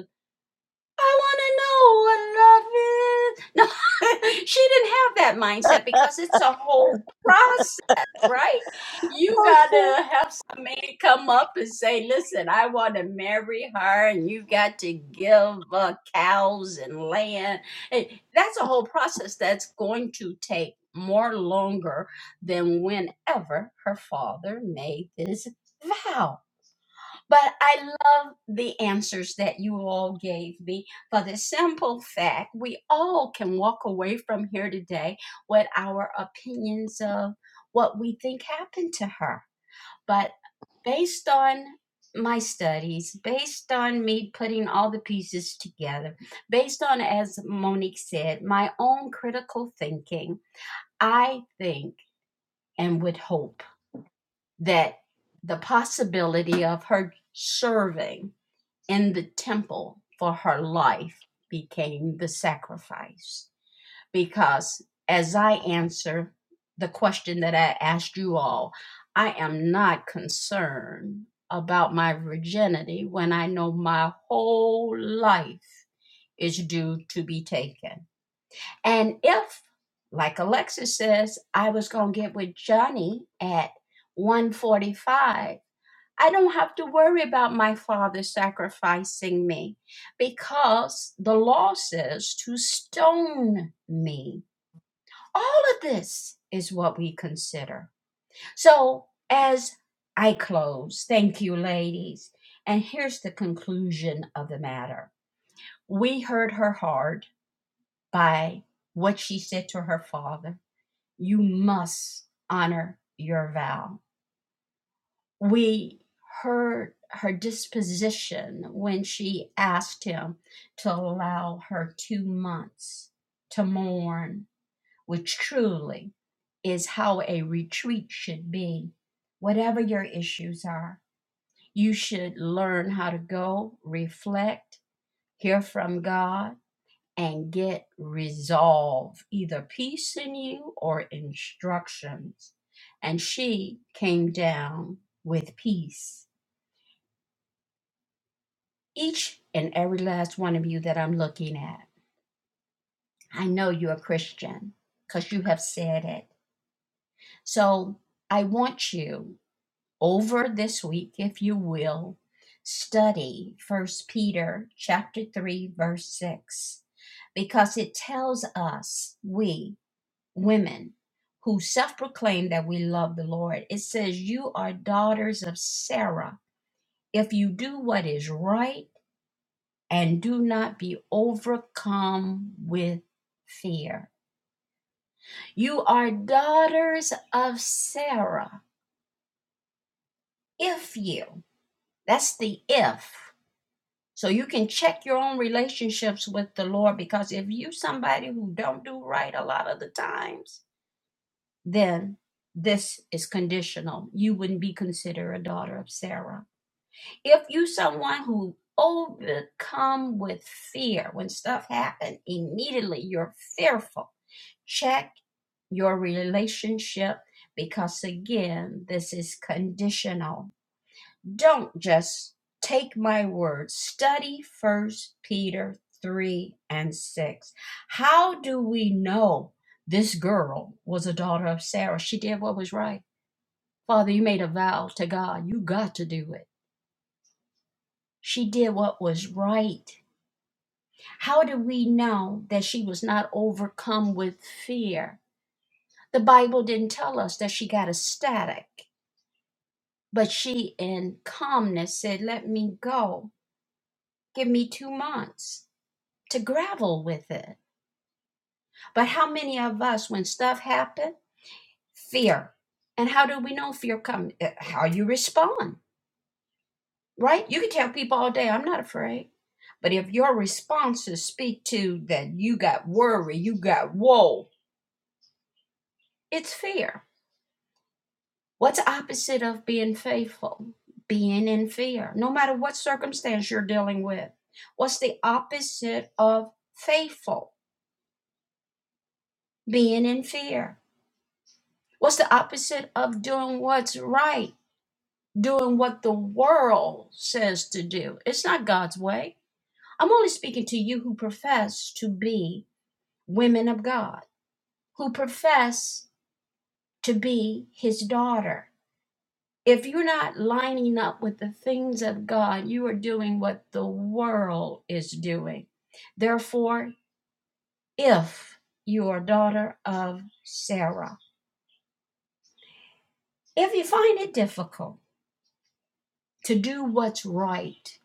[SPEAKER 1] I want to know what love is. No, [laughs] she didn't have that mindset because it's a whole process, right? You got to
[SPEAKER 5] Okay.
[SPEAKER 1] have some man come up and say, listen, I want to marry her, and you got to give uh, cows and land. Hey, that's a whole process that's going to take more longer than whenever her father made this vow. But I love the answers that you all gave me for the simple fact we all can walk away from here today with our opinions of what we think happened to her. But based on my studies, based on me putting all the pieces together, based on, as Monique said, my own critical thinking, I think and would hope that the possibility of her serving in the temple for her life became the sacrifice. Because as I answer the question that I asked you all, I am not concerned about my virginity when I know my whole life is due to be taken. And if, like Alexis says, I was going to get with Johnny at 145 I don't have to worry about my father sacrificing me because the law says to stone me. All of this is what we consider. So, as I close, thank you, ladies. And here's the conclusion of the matter we hurt her hard by what she said to her father. You must honor your vow. we heard her disposition when she asked him to allow her two months to mourn, which truly is how a retreat should be. Whatever your issues are, you should learn how to go, reflect, hear from God, and get resolve, either peace in you or instructions. And she came down with peace Each and every last one of you that I'm looking at, I know you're a Christian because you have said it. So I want you over this week, if you will, study First Peter chapter 3, verse 6 because it tells us, we women who self proclaim that we love the Lord, it says, You are daughters of Sarah. If you do what is right and do not be overcome with fear. You are daughters of Sarah. If you, that's the if. So you can check your own relationships with the Lord because if you somebody who don't do right a lot of the times, then this is conditional. You wouldn't be considered a daughter of Sarah. if you someone who overcome with fear when stuff happen immediately you're fearful check your relationship because again this is conditional don't just take my word study first peter 3 and 6 how do we know this girl was a daughter of sarah she did what was right father you made a vow to god you got to do it she did what was right How do we know that she was not overcome with fear? The Bible didn't tell us that she got ecstatic, but she, in calmness, said, Let me go. Give me two months to gravel with it. But how many of us, when stuff happens, fear? And how do we know fear comes? How you respond, right? You can tell people all day, I'm not afraid. But if your responses speak to that you got worry, you got woe, it's fear. What's the opposite of being faithful? Being in fear. No matter what circumstance you're dealing with, what's the opposite of faithful? Being in fear. What's the opposite of doing what's right? Doing what the world says to do. It's not God's way. I'm only speaking to you who profess to be women of God, who profess to be his daughter If you're not lining up with the things of God, you are doing what the world is doing. Therefore, if you are a daughter of Sarah, if you find it difficult to do what's right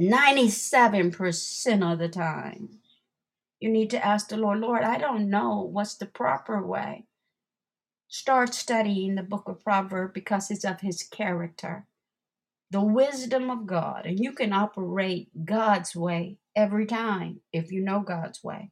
[SPEAKER 1] 97% of the time, you need to ask the Lord, Lord, I don't know what's the proper way. Start studying the book of Proverbs because it's of his character. the wisdom of God. And you can operate God's way every time if you know God's way.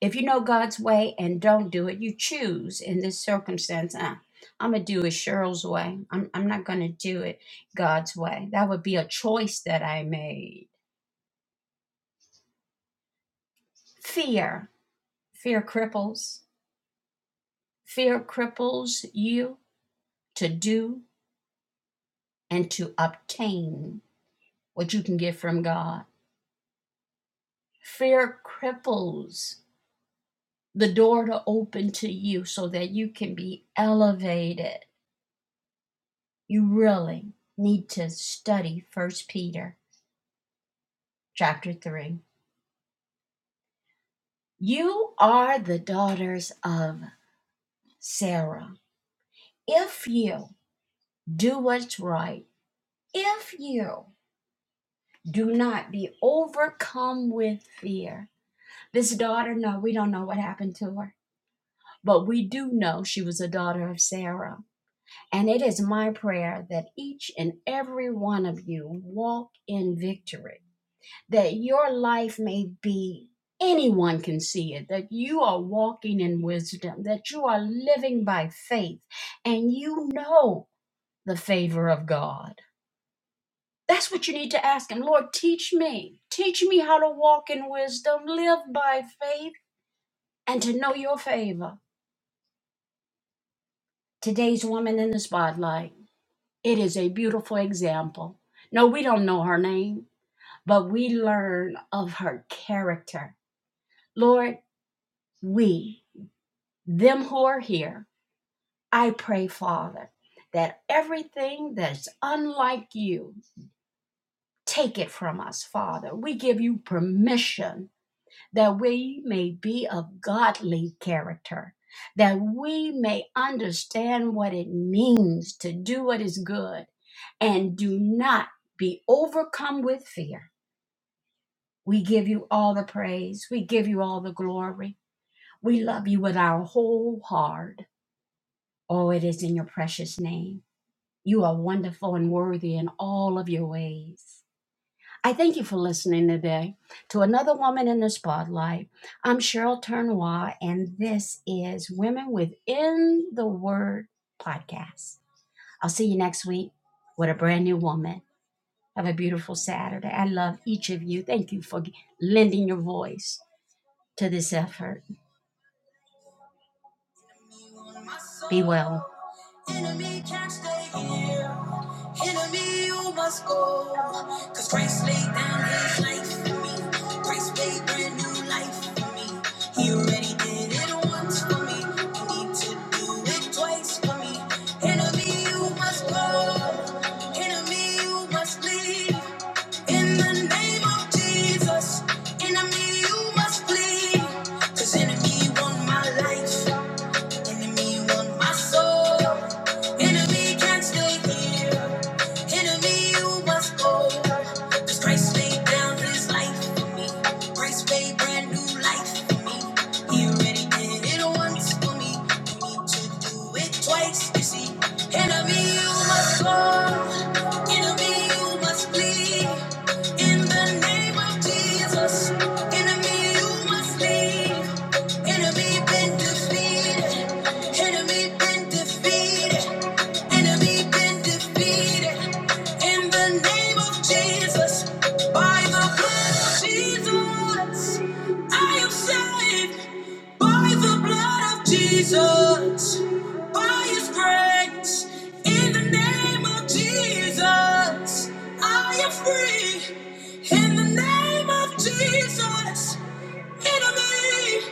[SPEAKER 1] If you know God's way and don't do it, you choose in this circumstance, "Uh, I'm going to do it Cheryl's way. I'm, I'm not going to do it God's way. That would be a choice that I made. Fear. Fear cripples. Fear cripples you to do and to obtain what you can get from God. Fear cripples the door to open to you so that you can be elevated. You really need to study First Peter chapter 3. You are the daughters of Sarah. If you do what's right, if you do not be overcome with fear. This daughter, no, we don't know what happened to her, but we do know she was a daughter of Sarah. And it is my prayer that each and every one of you walk in victory, that your life may be anyone can see it, that you are walking in wisdom, that you are living by faith, and you know the favor of God. That's what you need to ask Him Lord, teach me. Teach me how to walk in wisdom, live by faith, and to know your favor. Today's woman in the spotlight, it is a beautiful example. No, we don't know her name. but we learn of her character. Lord, we, them who are here, I pray, Father, that everything that's unlike you, take it from us, Father. We give you permission that we may be of godly character, that we may understand what it means to do what is good and do not be overcome with fear. We give you all the praise. We give you all the glory. We love you with our whole heart. Oh, it is in your precious name. You are wonderful and worthy in all of your ways. I thank you for listening today to another woman in the spotlight. I'm Cheryl Turnois, and this is Women Within the Word podcast. I'll see you next week with a brand new woman. Have a beautiful Saturday. I love each of you. Thank you for lending your voice to this effort. Be well. Enemy can't stay here. Enemy, you must go. Cause Christ laid down his life for me. Christ made brand new life for me. He already did it once for me. You need to do it twice for me. Enemy, you must go. Enemy, you must leave. In the name of Jesus. Enemy, you must flee. Cause enemy want my life. Enemy want my soul. Enemy can't stay here. Enemy, you must go. Cause Christ laid down his life for me. Christ paid brand new life for me. He already did it once for me. No need to do it twice, you see. Enemy, you must go. Enemy, you must flee. In the name of Jesus. Enemy, you must leave. Enemy been defeated. Enemy been defeated. Enemy been defeated in the name of Jesus. By the blood of Jesus, I am saved. By the blood of Jesus, by His grace, in the name of Jesus, I am free. In the name of Jesus, enemy,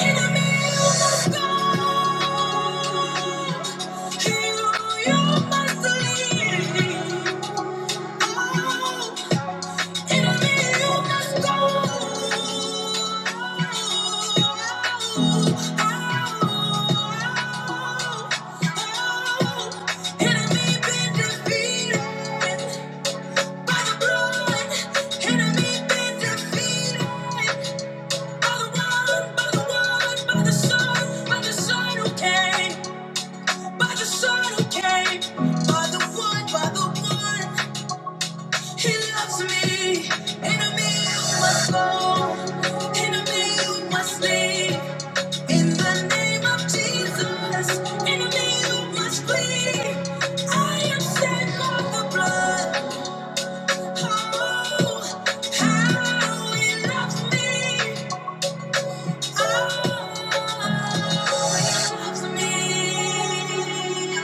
[SPEAKER 1] enemy, you must go. You you must leave. By the one, by the one He loves me. Enemy, you must go. Enemy, you must leave. In the name of Jesus. Enemy, you must flee. I am set for the blood. Oh, how he loves me. Oh, he loves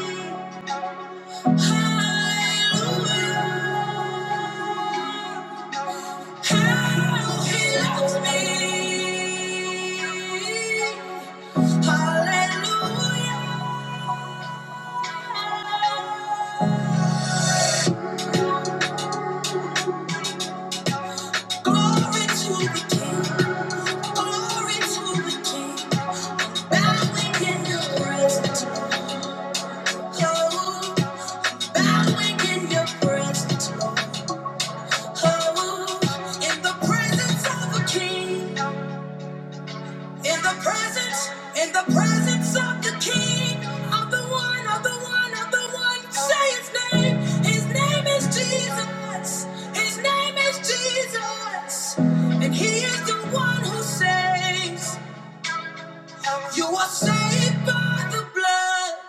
[SPEAKER 1] me. Hallelujah. How he loves me. Hallelujah. Glory to the King. Glory to the King. Bowing in your presence, oh, bowing in your presence, oh, in the presence of a King. In the presence, in the presence of the King, of the one, of the one, of the one, say his name. His name is Jesus. His name is Jesus. And he is the one who saves. You are saved by the blood.